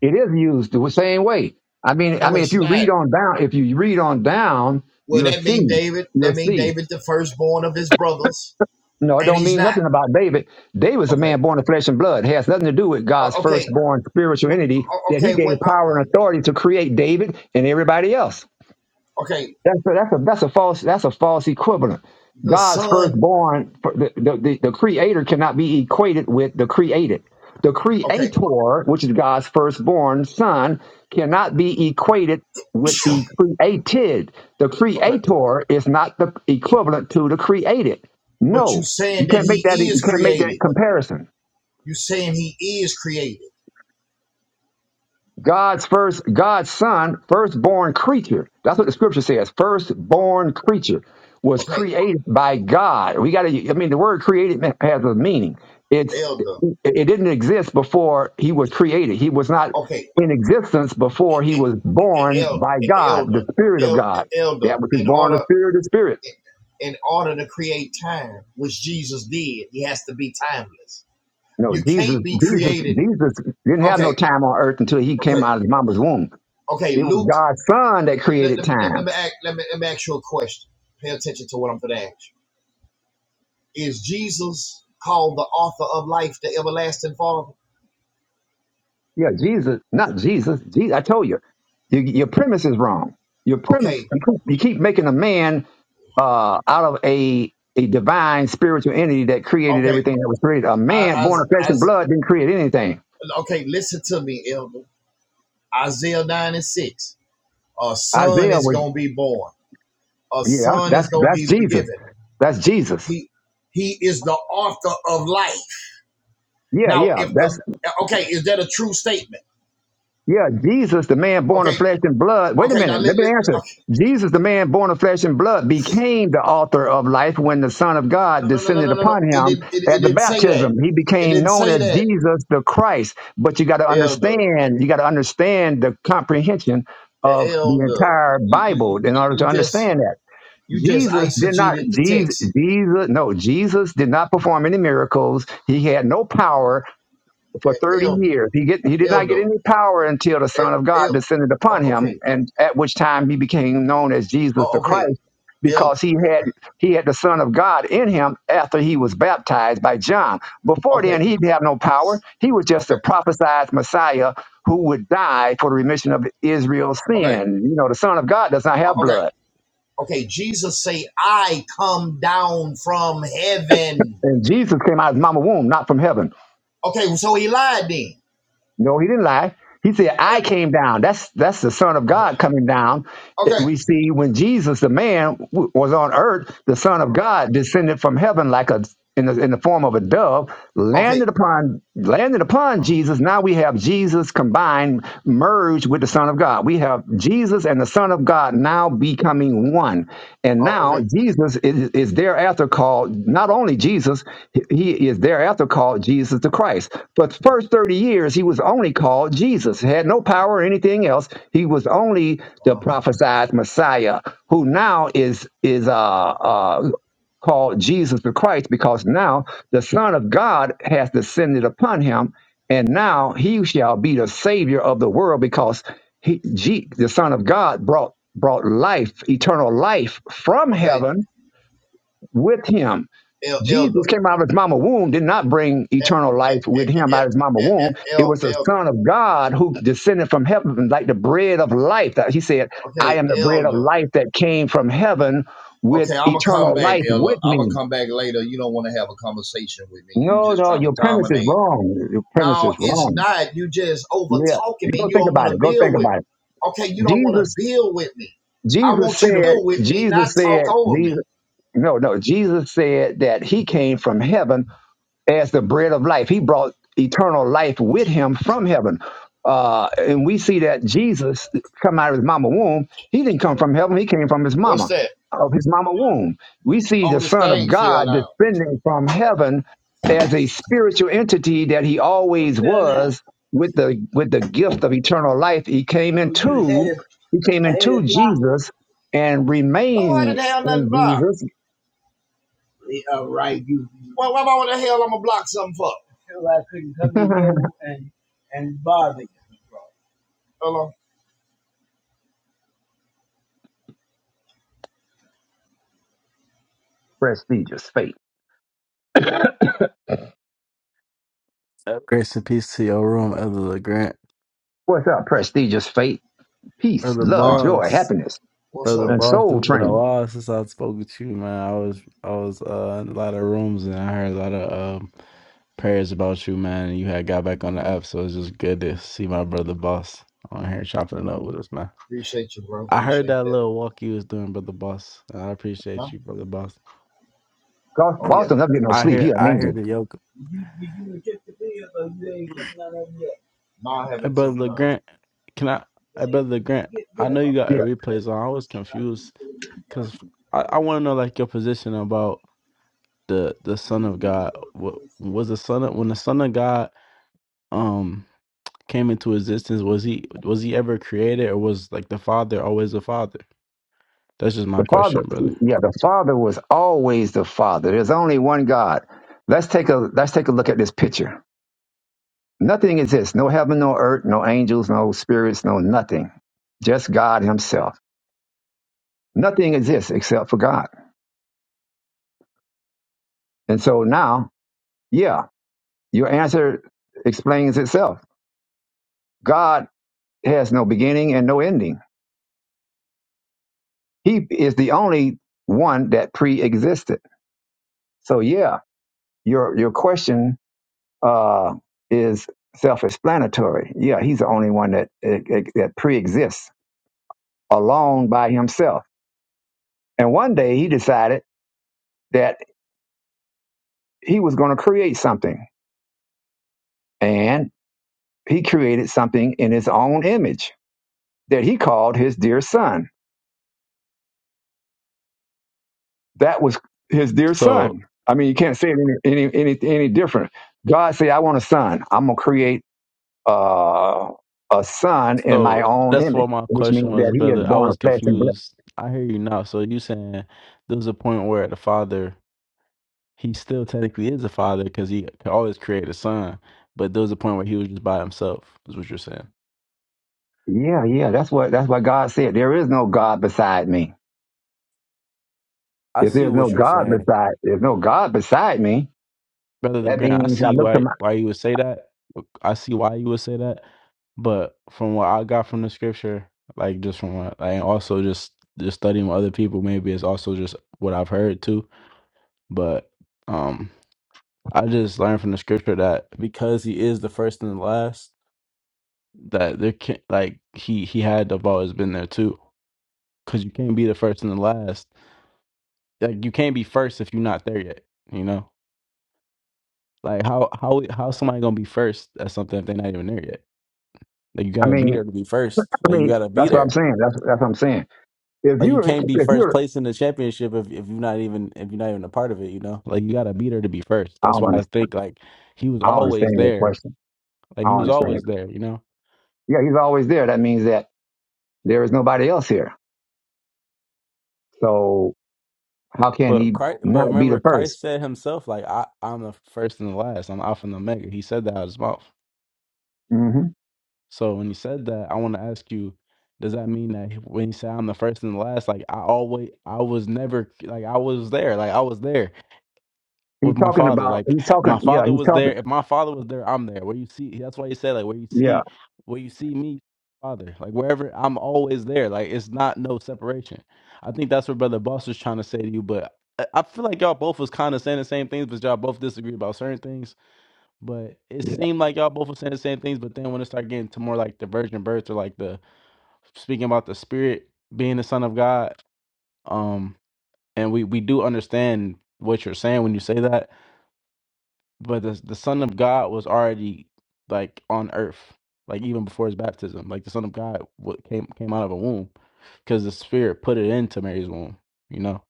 S1: It is used the same way. I mean, I
S4: No,
S1: mean, if
S4: it's
S1: you
S4: not.
S1: read on down, if you read on down,
S4: Well,
S1: you'll
S4: that
S1: see,
S4: mean David.
S1: you'll
S4: That mean
S1: see.
S4: David, the firstborn of his brothers,
S1: No, it
S4: and
S1: don't
S4: he's
S1: mean
S4: not.
S1: nothing about David. David's a
S4: Okay,
S1: man born of flesh and blood. It has nothing to do with
S4: O-
S1: God's
S4: okay,
S1: firstborn spiritual
S4: wh-
S1: entity
S4: o-
S1: that He
S4: okay.
S1: gave
S4: What? I-
S1: power and authority to create David and everybody else.
S4: Okay,
S1: That's a, that's a that's a false that's a false equivalent.
S4: the
S1: God's
S4: son.
S1: firstborn, the, the, the, the creator cannot be equated with the created. The
S4: Okay,
S1: creator, which is God's firstborn son, cannot be equated with
S4: [COUGHS]
S1: the created. The
S4: okay.
S1: creator is not the equivalent to the created.
S4: But you
S1: No,
S4: saying
S1: you
S4: that
S1: can't make
S4: he
S1: that you
S4: is
S1: can't make that
S4: created.
S1: comparison.
S4: You saying he is created.
S1: God's first, God's son, firstborn creature. That's what the scripture says. Firstborn creature was
S4: Okay,
S1: created by God. We got to, I mean, the word created has a meaning. It's, it
S4: Elder.
S1: it didn't exist before he was created. He was not
S4: Okay,
S1: in existence before he was born
S4: el-
S1: by God,
S4: elder,
S1: the spirit of
S4: el-
S1: God.
S4: elder,
S1: That which is
S4: in
S1: born of
S4: order
S1: the spirit is spirit.
S4: in order to create time, which Jesus did, he has to be timeless.
S1: No,
S4: You
S1: Jesus,
S4: can't be
S1: Jesus,
S4: created.
S1: Jesus didn't have no
S4: Okay,
S1: time on earth until he came
S4: okay,
S1: out of his mama's womb.
S4: okay.
S1: It was
S4: Luke,
S1: God's son that
S4: let,
S1: created
S4: let, let,
S1: time.
S4: let me, ask, let, me, let me ask you a question. Pay attention to what I'm going to ask you. Is Jesus called the author of life, the everlasting Father?
S1: Yeah, Jesus, not Jesus. Jesus I told you, your, your premise is wrong. Your premise,
S4: Okay,
S1: you keep making a man uh, out of a a divine spiritual entity that created
S4: okay.
S1: everything that was created. A
S4: I,
S1: man
S4: I,
S1: born of flesh
S4: I,
S1: and blood didn't create anything.
S4: okay, listen to me, Elder. Isaiah 9 and 6. A son
S1: Isaiah
S4: is
S1: was,
S4: going to be born a
S1: yeah,
S4: son
S1: that's
S4: is going
S1: that's
S4: to be
S1: Jesus.
S4: given.
S1: That's Jesus.
S4: He he is the author of life.
S1: Yeah,
S4: Now,
S1: yeah,
S4: if the
S1: that's
S4: okay, is that a true statement?
S1: Yeah, Jesus, the man born of
S4: Okay,
S1: flesh and blood. Wait a
S4: okay. Now,
S1: minute, let
S4: let,
S1: me
S4: let,
S1: answer.
S4: okay.
S1: Jesus, the man born of flesh and blood, became the author of life when the Son of
S4: no,
S1: God
S4: no, no, no,
S1: descended
S4: no, no, no.
S1: upon
S4: It
S1: him
S4: didn't. It, it
S1: at the
S4: didn't say that.
S1: baptism. He
S4: It
S1: became
S4: didn't
S1: known
S4: say
S1: as
S4: that,
S1: Jesus the Christ. But you got to
S4: elder,
S1: understand, you got to understand the comprehension
S4: Eh,
S1: of the
S4: elder.
S1: entire
S4: You you you
S1: Bible in order to
S4: you just
S1: understand that.
S4: you just
S1: Jesus did not,
S4: eisegeted the
S1: Jesus,
S4: text,
S1: Jesus, no, Jesus did not perform any miracles. He had no power for 30
S4: elder,
S1: years. He, get, he did
S4: El,
S1: not get
S4: elder,
S1: any power until the Son of
S4: Eh,
S1: God descended
S4: oh,
S1: upon him,
S4: okay,
S1: and at which time he became known as Jesus the
S4: oh, okay,
S1: Christ
S4: elder,
S1: because he had he had the son of god in him after he was baptized by john before then
S4: okay,
S1: he did have no power he was just a
S4: okay,
S1: prophesied messiah who would die for the remission of israel's
S4: okay,
S1: sin you know the son of god does not
S4: uh,
S1: have
S4: okay,
S1: blood
S4: Okay, Jesus say, I come down from heaven.
S1: and jesus came out of his mama womb not from heaven
S4: Okay, so he lied then.
S1: No, he didn't lie. He said, I
S4: Eh,
S1: came down. That's that's the Son of
S4: Okay,
S1: God coming down. It-
S4: okay,
S1: We see when Jesus, the man, w- was on earth, the Son of God descended from heaven like a in the, in the form of a dove,
S4: okay,
S1: landed upon landed upon Jesus. Now we have Jesus combined, merged with the Son of God. We have Jesus and the Son of God now becoming one. And
S4: oh,
S1: now
S4: okay,
S1: Jesus is, is thereafter called not only Jesus, he he is thereafter called Jesus the Christ. But first 30 years, he was only called Jesus, had no power or anything else. He was only the
S4: um,
S1: prophesied Messiah, who now is is uh, uh, called Jesus the Christ, because now the Son of God has descended upon him, and now he shall be the Savior of the world, because he, G, the Son of God, brought brought life, eternal life from
S4: okay,
S1: heaven with him.
S4: el- elder,
S1: Jesus came out of his mama womb, did not bring
S4: el
S1: eternal
S4: el eh,
S1: life
S4: eh,
S1: with
S4: eh,
S1: him out of his mama
S4: eh, eh,
S1: womb. It
S4: el-
S1: was the
S4: el-
S1: Son of God who descended from heaven like the bread of life. That he said, I
S4: okay,
S1: am the bread of
S4: elder.
S1: life that came from heaven with
S4: Okay, I'm gonna come
S1: eternal
S4: back,
S1: life
S4: elder.
S1: with
S4: I'm gonna
S1: me.
S4: come back later. You don't want to have a conversation with me. You
S1: No,
S4: just
S1: no,
S4: trying to
S1: your premise is
S4: dominate.
S1: wrong. Your premise
S4: No,
S1: is
S4: it's
S1: wrong.
S4: not. You just over
S1: Yeah.
S4: talking me.
S1: Go
S4: You
S1: think
S4: don't
S1: about
S4: want to
S1: it. Go
S4: build
S1: think
S4: with.
S1: about it.
S4: me. Okay, you don't want to
S1: Jesus,
S4: build with me. I
S1: Jesus
S4: want you to
S1: said,
S4: build with me, not
S1: Jesus said,
S4: talk over
S1: Jesus
S4: me.
S1: No, no. Jesus said that he came from heaven as the bread of life. He brought eternal life with him from heaven. Uh, and we see that Jesus come out of his mama womb. He didn't come from heaven. He came from his
S4: What's
S1: mama,
S4: that?
S1: of his mama womb. We see
S4: Oh,
S1: the
S4: this
S1: son of
S4: thing fell
S1: God
S4: down.
S1: descending from heaven as a spiritual entity that he always was with the, with the gift of eternal life. He came into, he came into Jesus and
S4: No, I
S1: remained
S4: didn't have nothing
S1: in
S4: blocked.
S1: Jesus
S4: Well, why why the hell I'm gonna block something for?
S1: [LAUGHS]
S4: Hello.
S1: prestigious fate.
S5: Uh, Grace and peace to your room, Elder LeGrant.
S1: What's up, prestigious fate? Peace,
S5: Brother
S4: All
S1: love,
S4: right.
S1: joy,
S5: Boss.
S1: happiness,
S4: What's
S5: Brother
S4: up?
S1: and
S5: Boss,
S1: soul
S5: it's been a
S1: training.
S5: while since I spoke with you, man. I was I was uh, in a lot of rooms and I heard a lot of um, prayers about you, man. And you had got back on the app, so it's just good to see my brother Boss on here chopping it up with us, man.
S4: Appreciate you, bro.
S5: I heard
S4: Appreciate
S5: that
S4: that.
S5: little walk you was doing, Brother Boss. and I
S4: Huh?
S5: appreciate you, Brother Boss.
S1: Bos-
S4: Oh yeah.
S1: Boston never get no
S5: I
S1: sleep. He
S5: hear
S1: an
S5: I hear
S1: angel.
S5: the yoke.
S4: No, I
S5: Hey,
S4: haven't
S5: Brother
S4: took none.
S5: LeGrant, can I hey Brother LeGrant, I know you got a
S1: Yeah.
S5: replays on. I was confused Because I, I want to know like your position about the the Son of God. What was the Son of when the Son of God um came into existence? Was he was he ever created, or was like the Father always the Father? That's just my
S1: The
S5: question,
S1: father
S5: brother.
S1: yeah, the father was always the father. There's only one God. Let's take a let's take a look at this picture. Nothing exists. No heaven, no earth, no angels, no spirits, no nothing. Just God Himself. Nothing exists except for God. And so now, yeah, your answer explains itself. God has no beginning and no ending He is the only one that pre-existed. So yeah, your your question uh, is self-explanatory. Yeah, he's the only one that eh, eh, that pre-exists alone by himself. And one day he decided that he was going to create something, and he created something in his own image that he called his dear son. That was his dear
S5: So
S1: son. I mean, you can't say it any any any, any different. God said, "I want a son. I'm gonna create." uh, a son in my
S5: so
S1: own
S5: that's
S1: image,
S5: what my
S1: which
S5: question
S1: means
S5: was,
S1: that he is
S5: brother. I
S1: born
S5: was
S1: of flesh and blood.
S5: confused. I hear you now. So you saying there was a point where the Father he still technically is a Father because he could always create a Son, but there was a point where he was just by himself. Is what you're saying.
S1: Yeah, yeah, that's what that's what God said. There is no God beside me.
S5: I
S1: If
S5: see
S1: there's no
S5: what you're
S1: God
S5: saying.
S1: beside, there's no God beside me.
S5: Brother the
S1: That
S5: Grant, I
S1: means I
S5: see
S1: look to
S5: why
S1: my.
S5: why you would say that. I see why you would say that. But from what I got from the scripture, like just from what like also just just studying with other people, maybe it's also just what I've heard too. But um I just learned from the scripture that because he is the first and the last, that there can like he he had to have always been there too. Cause you can't be the first and the last. Like you can't be first if you're not there yet. You know, like how how how somebody gonna be first at something if they're not even there yet? Like you
S1: I
S5: gotta be
S1: mean,
S5: there to be first.
S1: I
S5: Like you
S1: mean,
S5: gotta be
S1: that's what I'm
S5: there.
S1: saying. That's that's what I'm saying. If
S5: Like you
S1: you're, if
S5: can't be first
S1: you're,
S5: place in the championship if, if you're not even if you're not even a part of it, you know? Like you gotta be there to be first.
S1: I
S5: That's
S1: don't
S5: why I
S1: understand.
S5: think like he was
S1: I don't understand
S5: always
S1: your
S5: there.
S1: question.
S5: Like
S1: I
S5: he
S1: don't
S5: was
S1: understand your
S5: always
S1: question.
S5: there, you know?
S1: Yeah, he's always there. That means that there is nobody else here. So how can
S5: But
S1: he
S5: Christ, but
S1: not be the
S5: remember
S1: first?
S5: Christ said himself, like I, I'm the first and the last, I'm Alpha and Omega. He said that out of his mouth.
S1: hmm
S5: So when he said that, I wanna ask you, does that mean that when he said I'm the first and the last, like I always I was never like I was there, like I was there. with
S1: He's
S5: my
S1: talking
S5: father.
S1: about.
S5: Like
S1: He's talking.
S5: my
S1: Yeah,
S5: father
S1: he's
S5: was
S1: talking.
S5: there. If my father was there, I'm there. Where you see, that's why you said like where you
S1: Yeah,
S5: see, where you see me, father. Like wherever I'm always there. Like it's not no separation. I think that's what Brother Boss was trying to say to you. But I I feel like y'all both was kind of saying the same things, but y'all both disagree about certain things. But it
S1: yeah.
S5: seemed like y'all both were saying the same things. But then when it started getting to more like the virgin birth or like the speaking about the spirit being the son of God, um, and we we do understand what you're saying when you say that but the the Son of God was already like on Earth, like even before his baptism. Like the Son of God what came came out of a womb because the Spirit put it into Mary's womb. You know,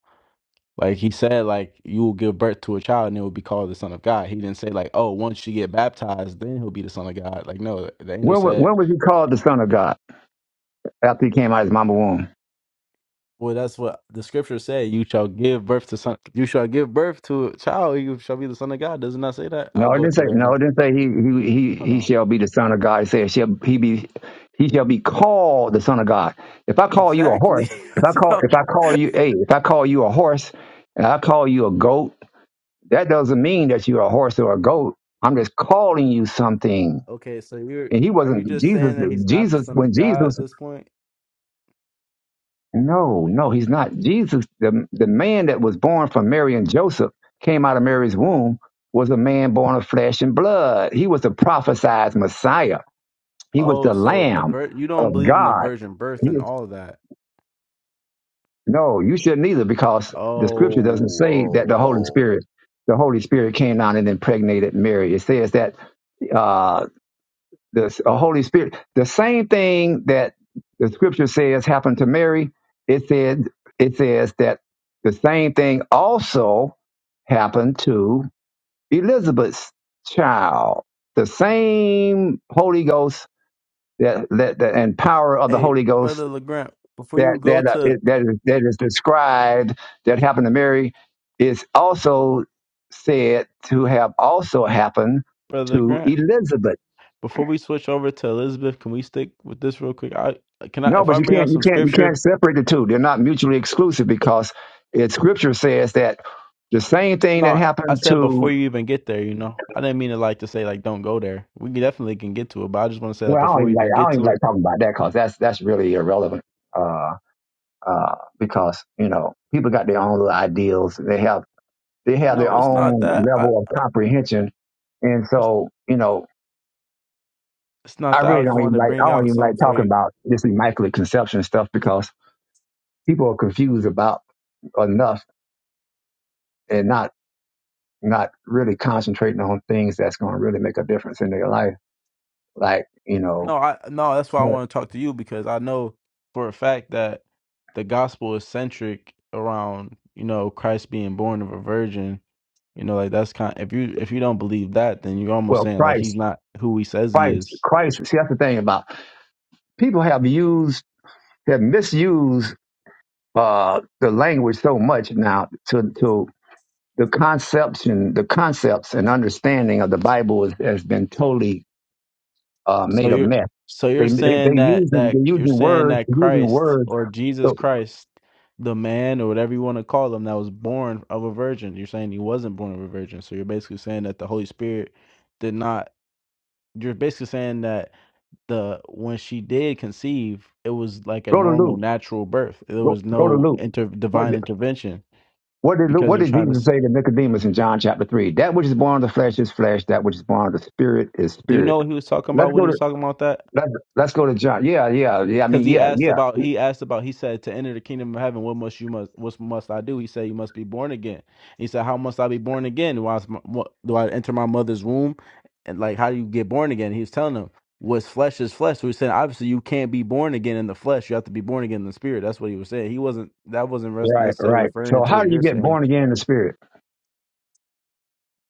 S5: like he said, like you will give birth to a child and it will be called the Son of God. He didn't say like, oh, once you get baptized, then he'll be the Son of God. Like no, the angel
S1: When wa-
S5: said.
S1: when was he called the Son of God after he came out of his mama womb?
S5: Well, that's what the scripture said. You shall give birth to son. You shall give birth to a child. You shall be the son of God. Does it not say that? I'll
S1: No, it
S5: go
S1: didn't say.
S5: to it right
S1: No, it
S5: now.
S1: didn't say he he he,
S5: Hold
S1: he
S5: on.
S1: shall be the Son of God. It said shall he be he shall be called the Son of God. If I call you a
S5: Exactly.
S1: horse,
S5: [LAUGHS]
S1: if I
S5: That's what
S1: call
S5: I'm-
S1: if I call
S5: [LAUGHS]
S1: you hey, if I call you a horse and I call you a goat, that doesn't mean that you're a horse or a goat. I'm just calling you something.
S5: Okay, so you're
S1: And he
S5: are you
S1: wasn't
S5: just
S1: Jesus.
S5: saying that he's not the
S1: Jesus
S5: son
S1: when
S5: of God
S1: Jesus
S5: at this point?
S1: No, no, he's not. Jesus, the, the man that was born from Mary and Joseph, came out of Mary's womb, was a man born of flesh and blood. He was the prophesied Messiah. He was
S5: Oh,
S1: the
S5: so the
S1: Lamb
S5: vir- you
S1: of
S5: don't believe in the
S1: God.
S5: virgin birth
S1: He
S5: and
S1: was,
S5: all of that.
S1: no, you shouldn't either because the scripture doesn't
S5: Oh,
S1: say that the
S5: oh,
S1: Holy
S5: oh.
S1: Spirit, the Holy Spirit came down and impregnated Mary. It says that uh, the uh, Holy Spirit. The same thing that the Scripture says happened to Mary. It said it says that the same thing also happened to Elizabeth's child. The same Holy Ghost that, that, that and power of the
S5: Hey,
S1: Holy
S5: brother
S1: Ghost
S5: Legrand, before
S1: that
S5: you go
S1: that uh,
S5: to
S1: it- that is, that is described that happened to Mary is also said to have also happened
S5: brother
S1: to
S5: Legrand,
S1: Elizabeth
S5: before we switch over to Elizabeth, can we stick with this real quick? I can I
S1: No,
S5: if
S1: but
S5: I
S1: you
S5: bring out
S1: can't you
S5: some
S1: can't you
S5: scripture.
S1: can't separate the two. They're not mutually exclusive because it scripture says that the same thing that
S5: No, I
S1: happened
S5: said
S1: to
S5: before you even get there. You know, I didn't mean to like to say like don't go there. We definitely can get to it, but I just want to say that
S1: well, I don't
S5: before we
S1: even like
S5: even
S1: I don't
S5: get
S1: even
S5: to
S1: like
S5: it.
S1: talking about that because that's that's really irrelevant. Uh uh because, you know, people got their own little ideals. They have they have their
S5: No, it's not
S1: own
S5: that. I
S1: level of comprehension. And so, you know,
S5: It's
S1: I
S5: not that
S1: really
S5: I just
S1: don't even
S5: wanted to
S1: like I
S5: bring
S1: don't
S5: out
S1: even like
S5: something for
S1: talking
S5: you.
S1: about this immaculate conception stuff because people are confused about enough and not. not really concentrating on things that's going to really make a difference in their life. Like, you
S5: No,
S1: know,
S5: I no, that's why I want to talk to you because I know for a fact that the gospel is centric around, you know, Christ being born of a virgin. You know, like that's kind if you if you don't believe that, then you're almost
S1: well,
S5: saying like he's
S1: Christ,
S5: not who he says he
S1: Christ,
S5: is.
S1: Christ. See, that's the thing about people have used, have misused uh, the language so much now to, to the concepts and the concepts and understanding of the Bible has, has been totally uh,
S5: So
S1: made a
S5: you're
S1: mess.
S5: so you're
S1: They, they, they
S5: saying that
S1: using, they
S5: that you're
S1: using
S5: saying
S1: words,
S5: that
S1: using
S5: Christ
S1: words.
S5: or Jesus
S1: So
S5: Christ, the man or whatever you want to call him that was born of a virgin. You're saying he wasn't born of a virgin. So you're basically saying that the Holy Spirit did not You're basically saying that the when she did conceive, it was like a
S1: go to
S5: normal,
S1: Luke,
S5: natural birth. There
S1: go,
S5: was
S1: go to
S5: no
S1: Luke.
S5: inter
S1: What
S5: divine intervention
S1: What did Luke,
S5: because
S1: what
S5: they're
S1: did
S5: trying to.
S1: Jesus
S5: s-
S1: say to Nicodemus in John chapter three? That which is born of the flesh is flesh. That which is born of the spirit is
S5: Do you
S1: spirit.
S5: know what he was talking
S1: Let's
S5: about when
S1: go
S5: he
S1: to
S5: was talking about that?
S1: let's, let's go to John. Yeah, yeah, yeah. I mean,
S5: because he
S1: yeah,
S5: asked
S1: yeah.
S5: about he asked about he said to enter the kingdom of heaven what must you must what must i do he said you must be born again he said how must i be born again do i, what, do I enter my mother's womb and like how do you get born again he was telling him what's flesh is flesh so he said obviously you can't be born again in the flesh you have to be born again in the spirit that's what he was saying he wasn't that wasn't
S1: Right,
S5: necessarily
S1: right. So
S5: referring to
S1: how
S5: what
S1: do you
S5: you're
S1: get
S5: saying
S1: born again in the spirit?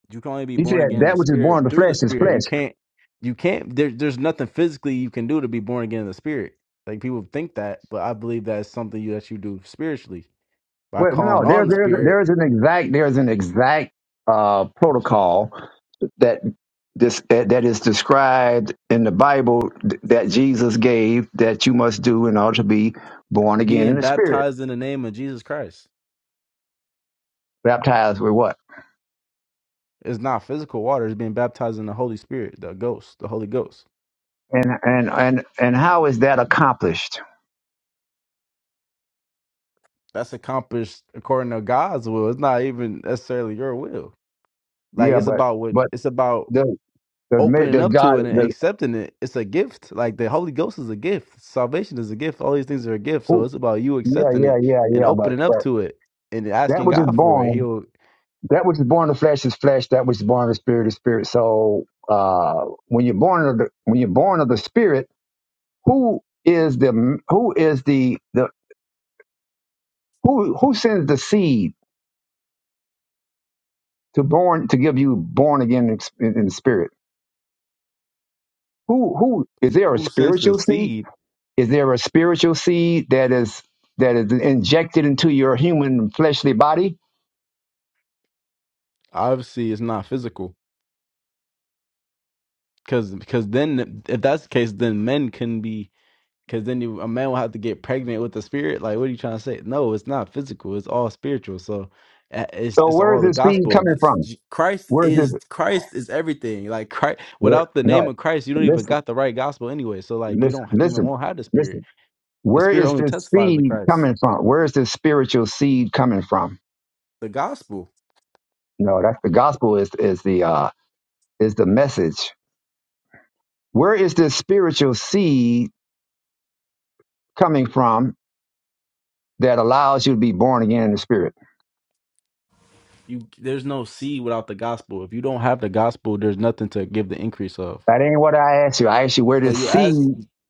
S5: you can only be
S1: He said
S5: born again in the
S1: that which is
S5: spirit
S1: born of the
S5: through the
S1: flesh is
S5: spirit. You
S1: flesh.
S5: can't you can't there, there's nothing physically you can do to be born again in the spirit. Like people think that, but I believe that's something you, that you do spiritually by
S1: Well, no,
S5: calling
S1: there,
S5: on the
S1: there, there
S5: spirit,
S1: is an exact there is an exact uh, protocol that this that, that is described in the Bible th- that Jesus gave that you must do in order to be born again in
S5: being
S1: the spirit.
S5: baptized in the name of Jesus Christ.
S1: Baptized with what?
S5: It's not physical water, it's being baptized in the Holy Spirit, the ghost, the Holy Ghost.
S1: And and and and how is that accomplished?
S5: That's accomplished according to God's will. It's not even necessarily your will. Like
S1: Yeah,
S5: it's
S1: but
S5: about what
S1: but
S5: it's about
S1: does does, ma-
S5: opening
S1: does
S5: up
S1: God
S5: to it and
S1: does,
S5: accepting it, it's a gift. Like the Holy Ghost is a gift. Salvation is a gift. All these things are a gift. So
S1: who?
S5: it's about you
S1: Yeah,
S5: accepting
S1: yeah,
S5: it
S1: yeah,
S5: and
S1: yeah. But
S5: opening up
S1: but
S5: to it and
S1: that
S5: asking
S1: which is
S5: God for it.
S1: born,
S5: He'll
S1: that which is born of flesh is flesh. That which is born of the spirit is spirit. So uh, when you're born of the when you're born of the spirit, who is the who is the the who who sends the seed to born to give you born again in, in the spirit? Who who is there a
S5: who sends the
S1: spiritual seed?
S5: seed
S1: Is there a spiritual seed that is that is injected into your human fleshly body?
S5: obviously is not physical because because then if that's the case, then men can be. Because then you, a man will have to get pregnant with the spirit. Like, what are you trying to say? No, it's not physical. It's all spiritual. So, uh, it's
S1: So
S5: it's
S1: where is
S5: all the
S1: this seed
S5: gospel.
S1: coming
S5: This-
S1: from?
S5: J- Christ
S1: Where is this?
S5: is Christ is everything. Like Christ,
S1: Where,
S5: without the
S1: no,
S5: name of Christ, you don't even
S1: listen,
S5: got the right gospel anyway. So, like, you
S1: listen,
S5: don't even
S1: listen,
S5: won't have the spirit.
S1: listen.
S5: The
S1: Where
S5: spirit
S1: is
S5: only
S1: this
S5: testifies to
S1: seed
S5: Christ.
S1: coming from? Where is this spiritual seed coming from?
S5: The gospel.
S1: No, that's the gospel is is the uh, is the message. Where is this spiritual seed coming from that allows you to be born again in the spirit?
S5: You there's no seed without the gospel. If you don't have the gospel, there's nothing to give the increase of.
S1: That ain't what I asked you. I asked you where
S5: So
S1: this
S5: you're
S1: seed
S5: asked.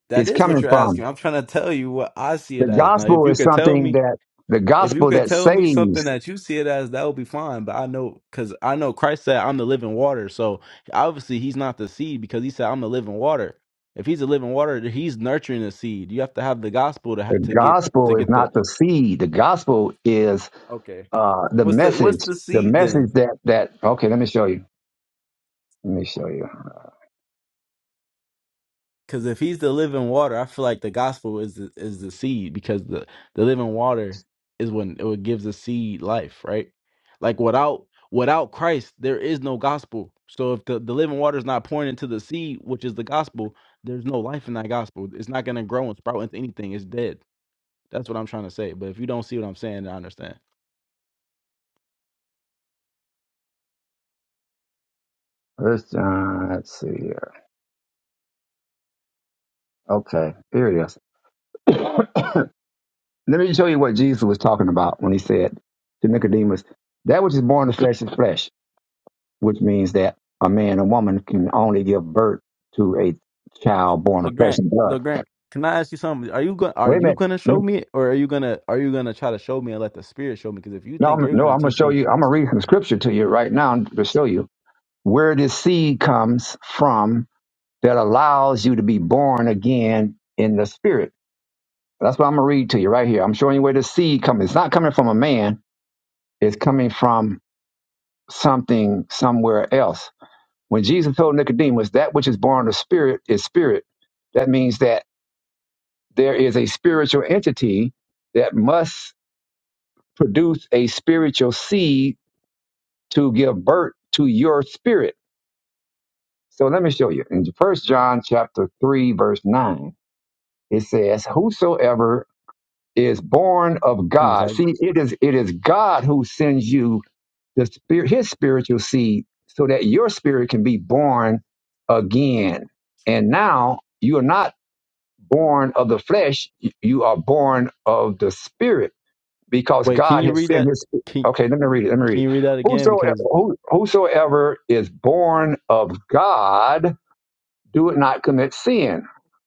S5: That
S1: is
S5: is what
S1: coming
S5: you're
S1: from.
S5: asking. I'm trying to tell you what I see
S1: The
S5: it as. Now, if
S1: gospel
S5: you
S1: is
S5: could tell
S1: something
S5: me
S1: that the
S5: If you
S1: gospel
S5: could
S1: that
S5: tell me something
S1: saves.
S5: that you see it as, that would be fine. But I know, because I know Christ said, I'm the living water. So obviously, he's not the seed because he said, I'm the living water. If he's the living water, then he's nurturing the seed. You have to have the gospel to ha-
S1: The
S5: to get to
S1: gospel is
S5: get the
S1: not the seed. The gospel is
S5: okay.
S1: uh, the
S5: What's the
S1: message.
S5: what's the
S1: The
S5: seed then?
S1: message that that okay. Let me show you. Let me show you.
S5: Because if he's the living water, I feel like the gospel is the, is the seed because the, the living water is when it gives the seed life, right? Like without without Christ, there is no gospel. So if the, the living water is not pouring into the seed, which is the gospel, there's no life in that gospel. It's not going to grow and sprout into anything. It's dead. That's what I'm trying to say. But if you don't see what I'm saying, I understand.
S1: First John. Let's see here. Okay, here it is. Let me show you what Jesus was talking about when he said to Nicodemus, "That which is born of flesh is flesh," which means that a man and woman can only give birth to a child born of
S5: Look,
S1: flesh
S5: Grant.
S1: and blood.
S5: Look, Grant. Can I ask you something? Are you going to Are
S1: Wait a
S5: you
S1: minute.
S5: gonna show me, or are you gonna Are you gonna try to show me and let the Spirit show me? Because if you
S1: No,
S5: think
S1: I'm,
S5: you're
S1: no,
S5: gonna
S1: I'm gonna
S5: teach
S1: show
S5: me,
S1: you. I'm gonna read some scripture to you right now to show you where this seed comes from that allows you to be born again in the spirit. That's what I'm gonna read to you right here. I'm showing you where the seed comes. It's not coming from a man. It's coming from something somewhere else. When Jesus told Nicodemus, "That which is born of the spirit is spirit," that means that there is a spiritual entity that must produce a spiritual seed to give birth to your spirit So let me show you. In First John chapter three, verse nine, it says, "Whosoever is born of God, see, it is it is God who sends you the spirit, His spiritual seed, so that your spirit can be born again. And now you are not born of the flesh; you are born of the spirit, because
S5: Wait, can
S1: God
S5: you
S1: has
S5: read
S1: sent
S5: that?
S1: His." spirit.
S5: Can
S1: Okay, let me read it. Let me read
S5: Can
S1: it.
S5: you read that again?
S1: Whosoever,
S5: Because
S1: who, whosoever is born of God do it not commit sin.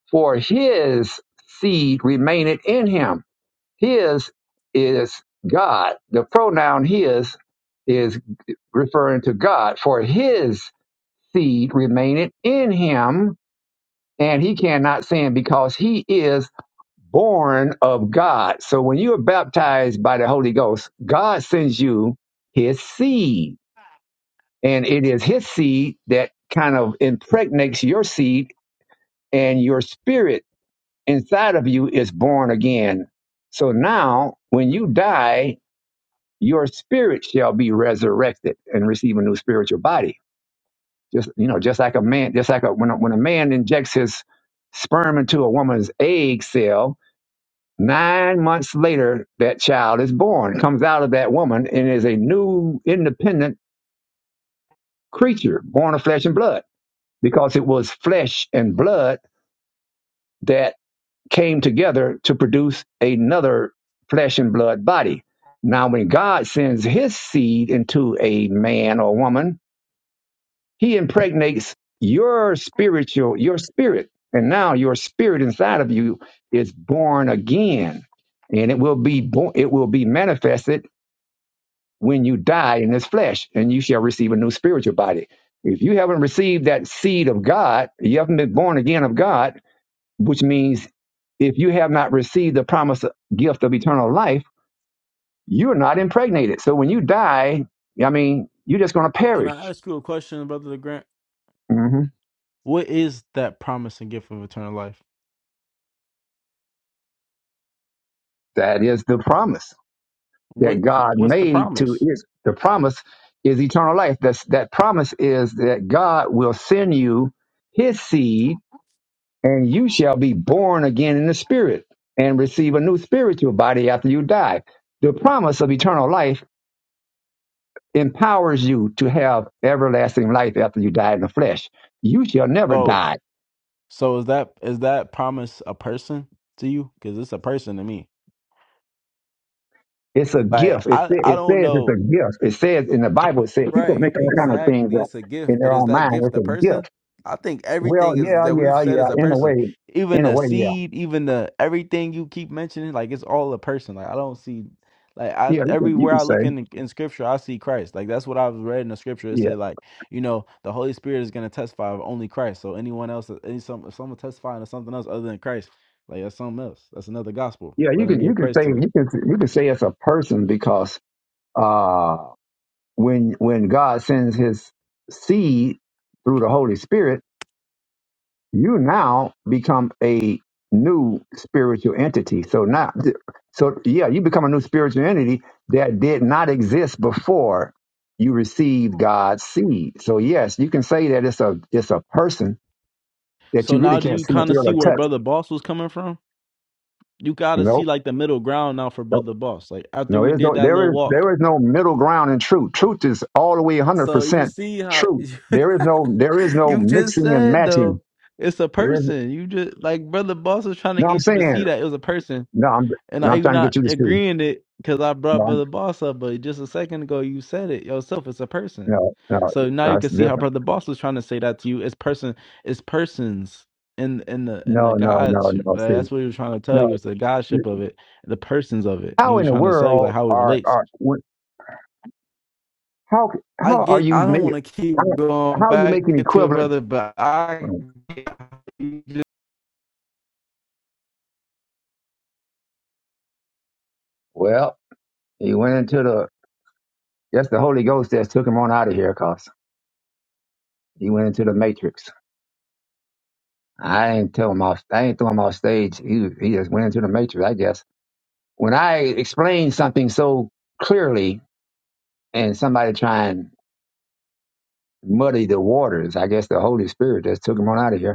S1: For his seed remaineth in him. His is God. The pronoun his is referring to God. For his seed remaineth in him, and he cannot sin because he is born of God. So when you are baptized by the Holy Ghost, God sends you his seed. And it is his seed that kind of impregnates your seed and your spirit inside of you is born again. So now, when you die, your spirit shall be resurrected and receive a new spiritual body. Just you know, just like a man, just like a, when a, when a man injects his sperm into a woman's egg cell, nine months later that child is born, comes out of that woman, and is a new independent creature, born of flesh and blood, because it was flesh and blood that came together to produce another flesh and blood body. Now, when God sends his seed into a man or woman, he impregnates your spiritual, your spirit. And now your spirit inside of you is born again. And it will be born, it will be manifested when you die in this flesh, and you shall receive a new spiritual body. If you haven't received that seed of God, you haven't been born again of God, which means if you have not received the promised gift of eternal life, you're not impregnated. So when you die, I mean, you're just going to
S5: can I
S1: perish.
S5: ask you a question, brother Grant?
S1: hmm
S5: What is that promise and gift of eternal life?
S1: That is the promise that
S5: What
S1: God
S5: What's the
S1: made to
S5: promise?
S1: is the promise is eternal life. That's that promise is that God will send you His seed, and you shall be born again in the Spirit and receive a new spiritual body after you die. The promise of eternal life empowers you to have everlasting life after you die in the flesh. You shall never
S5: So
S1: die.
S5: so is that is that promise a person to you? Because it's a person to me.
S1: It's a
S5: Like
S1: gift. It,
S5: I
S1: sa-
S5: I
S1: it
S5: don't
S1: says it's
S5: know.
S1: a gift. It says in the Bible, it says people
S5: Right,
S1: make all kind of things
S5: exactly.
S1: up
S5: It's a gift,
S1: in their
S5: but is
S1: own
S5: that
S1: mind.
S5: gift
S1: It's
S5: a
S1: a
S5: person?
S1: gift.
S5: I think
S1: Well,
S5: everything is
S1: yeah,
S5: that we've
S1: yeah,
S5: said
S1: yeah.
S5: is a
S1: In a
S5: person.
S1: way,
S5: Even
S1: in a
S5: the
S1: way, yeah,
S5: seed, even the everything you keep mentioning, like it's all a person. Like I don't see like I
S1: yeah. You can, you
S5: everywhere
S1: can
S5: I
S1: say,
S5: look in in scripture, I see Christ. Like that's what I've read in the scripture. It
S1: yeah,
S5: said like, you know, the Holy Spirit is gonna testify of only Christ. So anyone else uh, any some if someone testifying of something else other than Christ, like that's something else. That's another gospel.
S1: yeah.
S5: Let
S1: You
S5: him
S1: can,
S5: be
S1: you
S5: a
S1: can say,
S5: Christ to you.
S1: you can, you can say it's a person because uh, when when God sends His seed through the Holy Spirit you now become a new spiritual entity. So now, so yeah, you become a new spiritual entity that did not exist before you received God's seed. So yes, you can say that it's a it's a person that you
S5: So
S1: really
S5: now do
S1: can't
S5: you
S1: see,
S5: kind of
S1: feel,
S5: see
S1: or
S5: where
S1: touch.
S5: Brother Boss was coming from? you gotta see
S1: Nope.
S5: like the middle ground now for
S1: Nope.
S5: brother boss. Like after
S1: No,
S5: we
S1: there's
S5: did
S1: no
S5: that
S1: there
S5: little
S1: is
S5: walk,
S1: there is no middle ground in truth. Truth is all the way 100
S5: So you
S1: percent
S5: see how
S1: truth.
S5: [LAUGHS]
S1: There is no there is no
S5: you just
S1: mixing and
S5: said
S1: matching.
S5: though, it's a
S1: There is
S5: person. You just like brother boss was trying to
S1: no. I'm
S5: get you
S1: saying
S5: to see that it was a person.
S1: no. I'm
S5: and
S1: no.
S5: I
S1: I'm
S5: you
S1: trying to
S5: not
S1: get you to see.
S5: agreeing it because I brought
S1: No,
S5: Brother Boss up, but just a second ago you said it yourself. It's a person.
S1: no, no,
S5: So now
S1: no,
S5: you
S1: it's
S5: can see how
S1: different.
S5: Brother Boss was trying to say that to you. It's person. It's persons in in the in the
S1: No, no, no,
S5: Godship.
S1: no.
S5: Uh,
S1: See,
S5: That's what he was trying to tell
S1: no.
S5: you. It's the Godship of it, the persons of it, and
S1: How
S5: he
S1: in
S5: was
S1: the
S5: trying to tell you like
S1: world
S5: how it
S1: are
S5: relates.
S1: are what- how
S5: I
S1: how are
S5: get.
S1: you
S5: I don't
S1: making
S5: want to
S1: how,
S5: keep going
S1: how are you
S5: back
S1: making
S5: into it,
S1: equivalent?
S5: brother, but I. get.
S1: Well, he went into the that's the Holy Ghost that took him on out of here, cause he went into the matrix. I ain't tell him off. I ain't throw him off stage. He he just went into the matrix, I guess. When I explain something so clearly, and somebody try and muddy the waters, I guess the Holy Spirit just took him on out of here.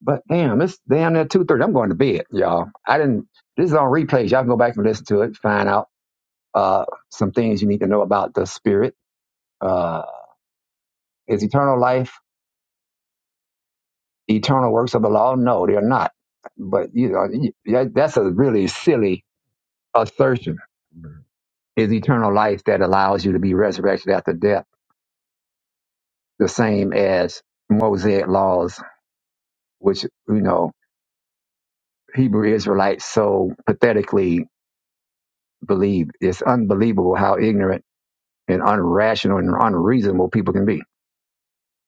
S1: But damn, it's damn near two thirty. I'm going to bed, y'all. I didn't. This is on replays. Y'all can go back and listen to it. Find out uh, some things you need to know about the spirit. Uh, is eternal life eternal works of the law? No, they're not. But you know, you- that- that's a really silly assertion. Is eternal life that allows you to be resurrected after death the same as Mosaic laws, which you know Hebrew Israelites so pathetically believe? It's unbelievable how ignorant and unrational and unreasonable people can be.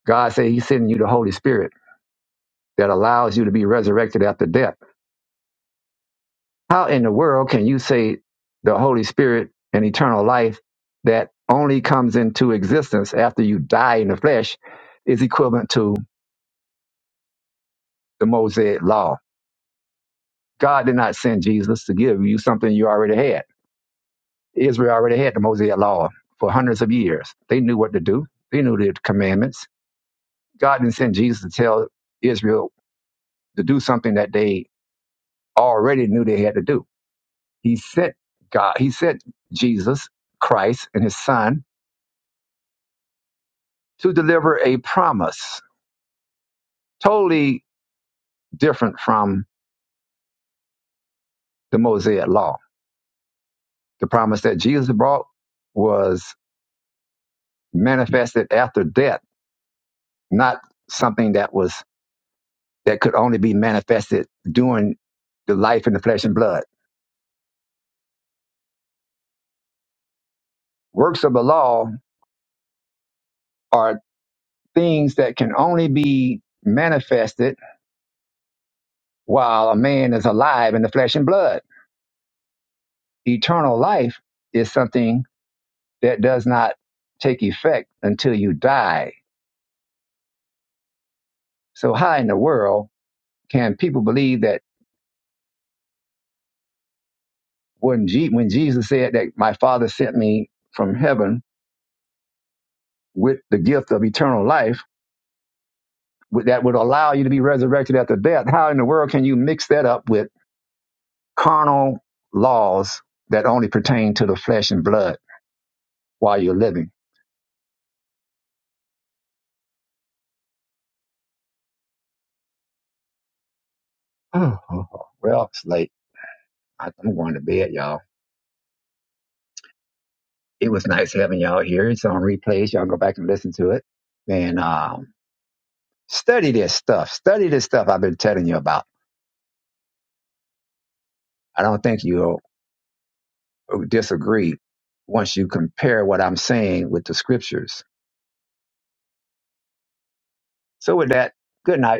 S1: God said He's sending you the Holy Spirit that allows you to be resurrected after death. How in the world can you say the Holy Spirit and eternal life that only comes into existence after you die in the flesh is equivalent to the Mosaic law? God did not send Jesus to give you something you already had. Israel already had the Mosaic law for hundreds of years. They knew what to do. They knew the commandments. God didn't send Jesus to tell Israel to do something that they already knew they had to do. He sent God, he sent Jesus Christ and his son to deliver a promise totally different from the Mosaic law. The promise that Jesus brought was manifested after death, not something that was that could only be manifested during the life in the flesh and blood. Works of the law are things that can only be manifested while a man is alive in the flesh and blood eternal life is something that does not take effect until you die. So how in the world can people believe that when, Je- when Jesus said that my father sent me from heaven with the gift of eternal life with- that would allow you to be resurrected after death, how in the world can you mix that up with carnal laws that only pertain to the flesh and blood while you're living? [LAUGHS] Oh, well, it's late. I- I'm going to bed, y'all. it was nice having y'all here. It's on replays. Y'all go back and listen to it. And um, study this stuff. Study this stuff I've been telling you about. I don't think you'll disagree once you compare what I'm saying with the scriptures. So, with that, good night.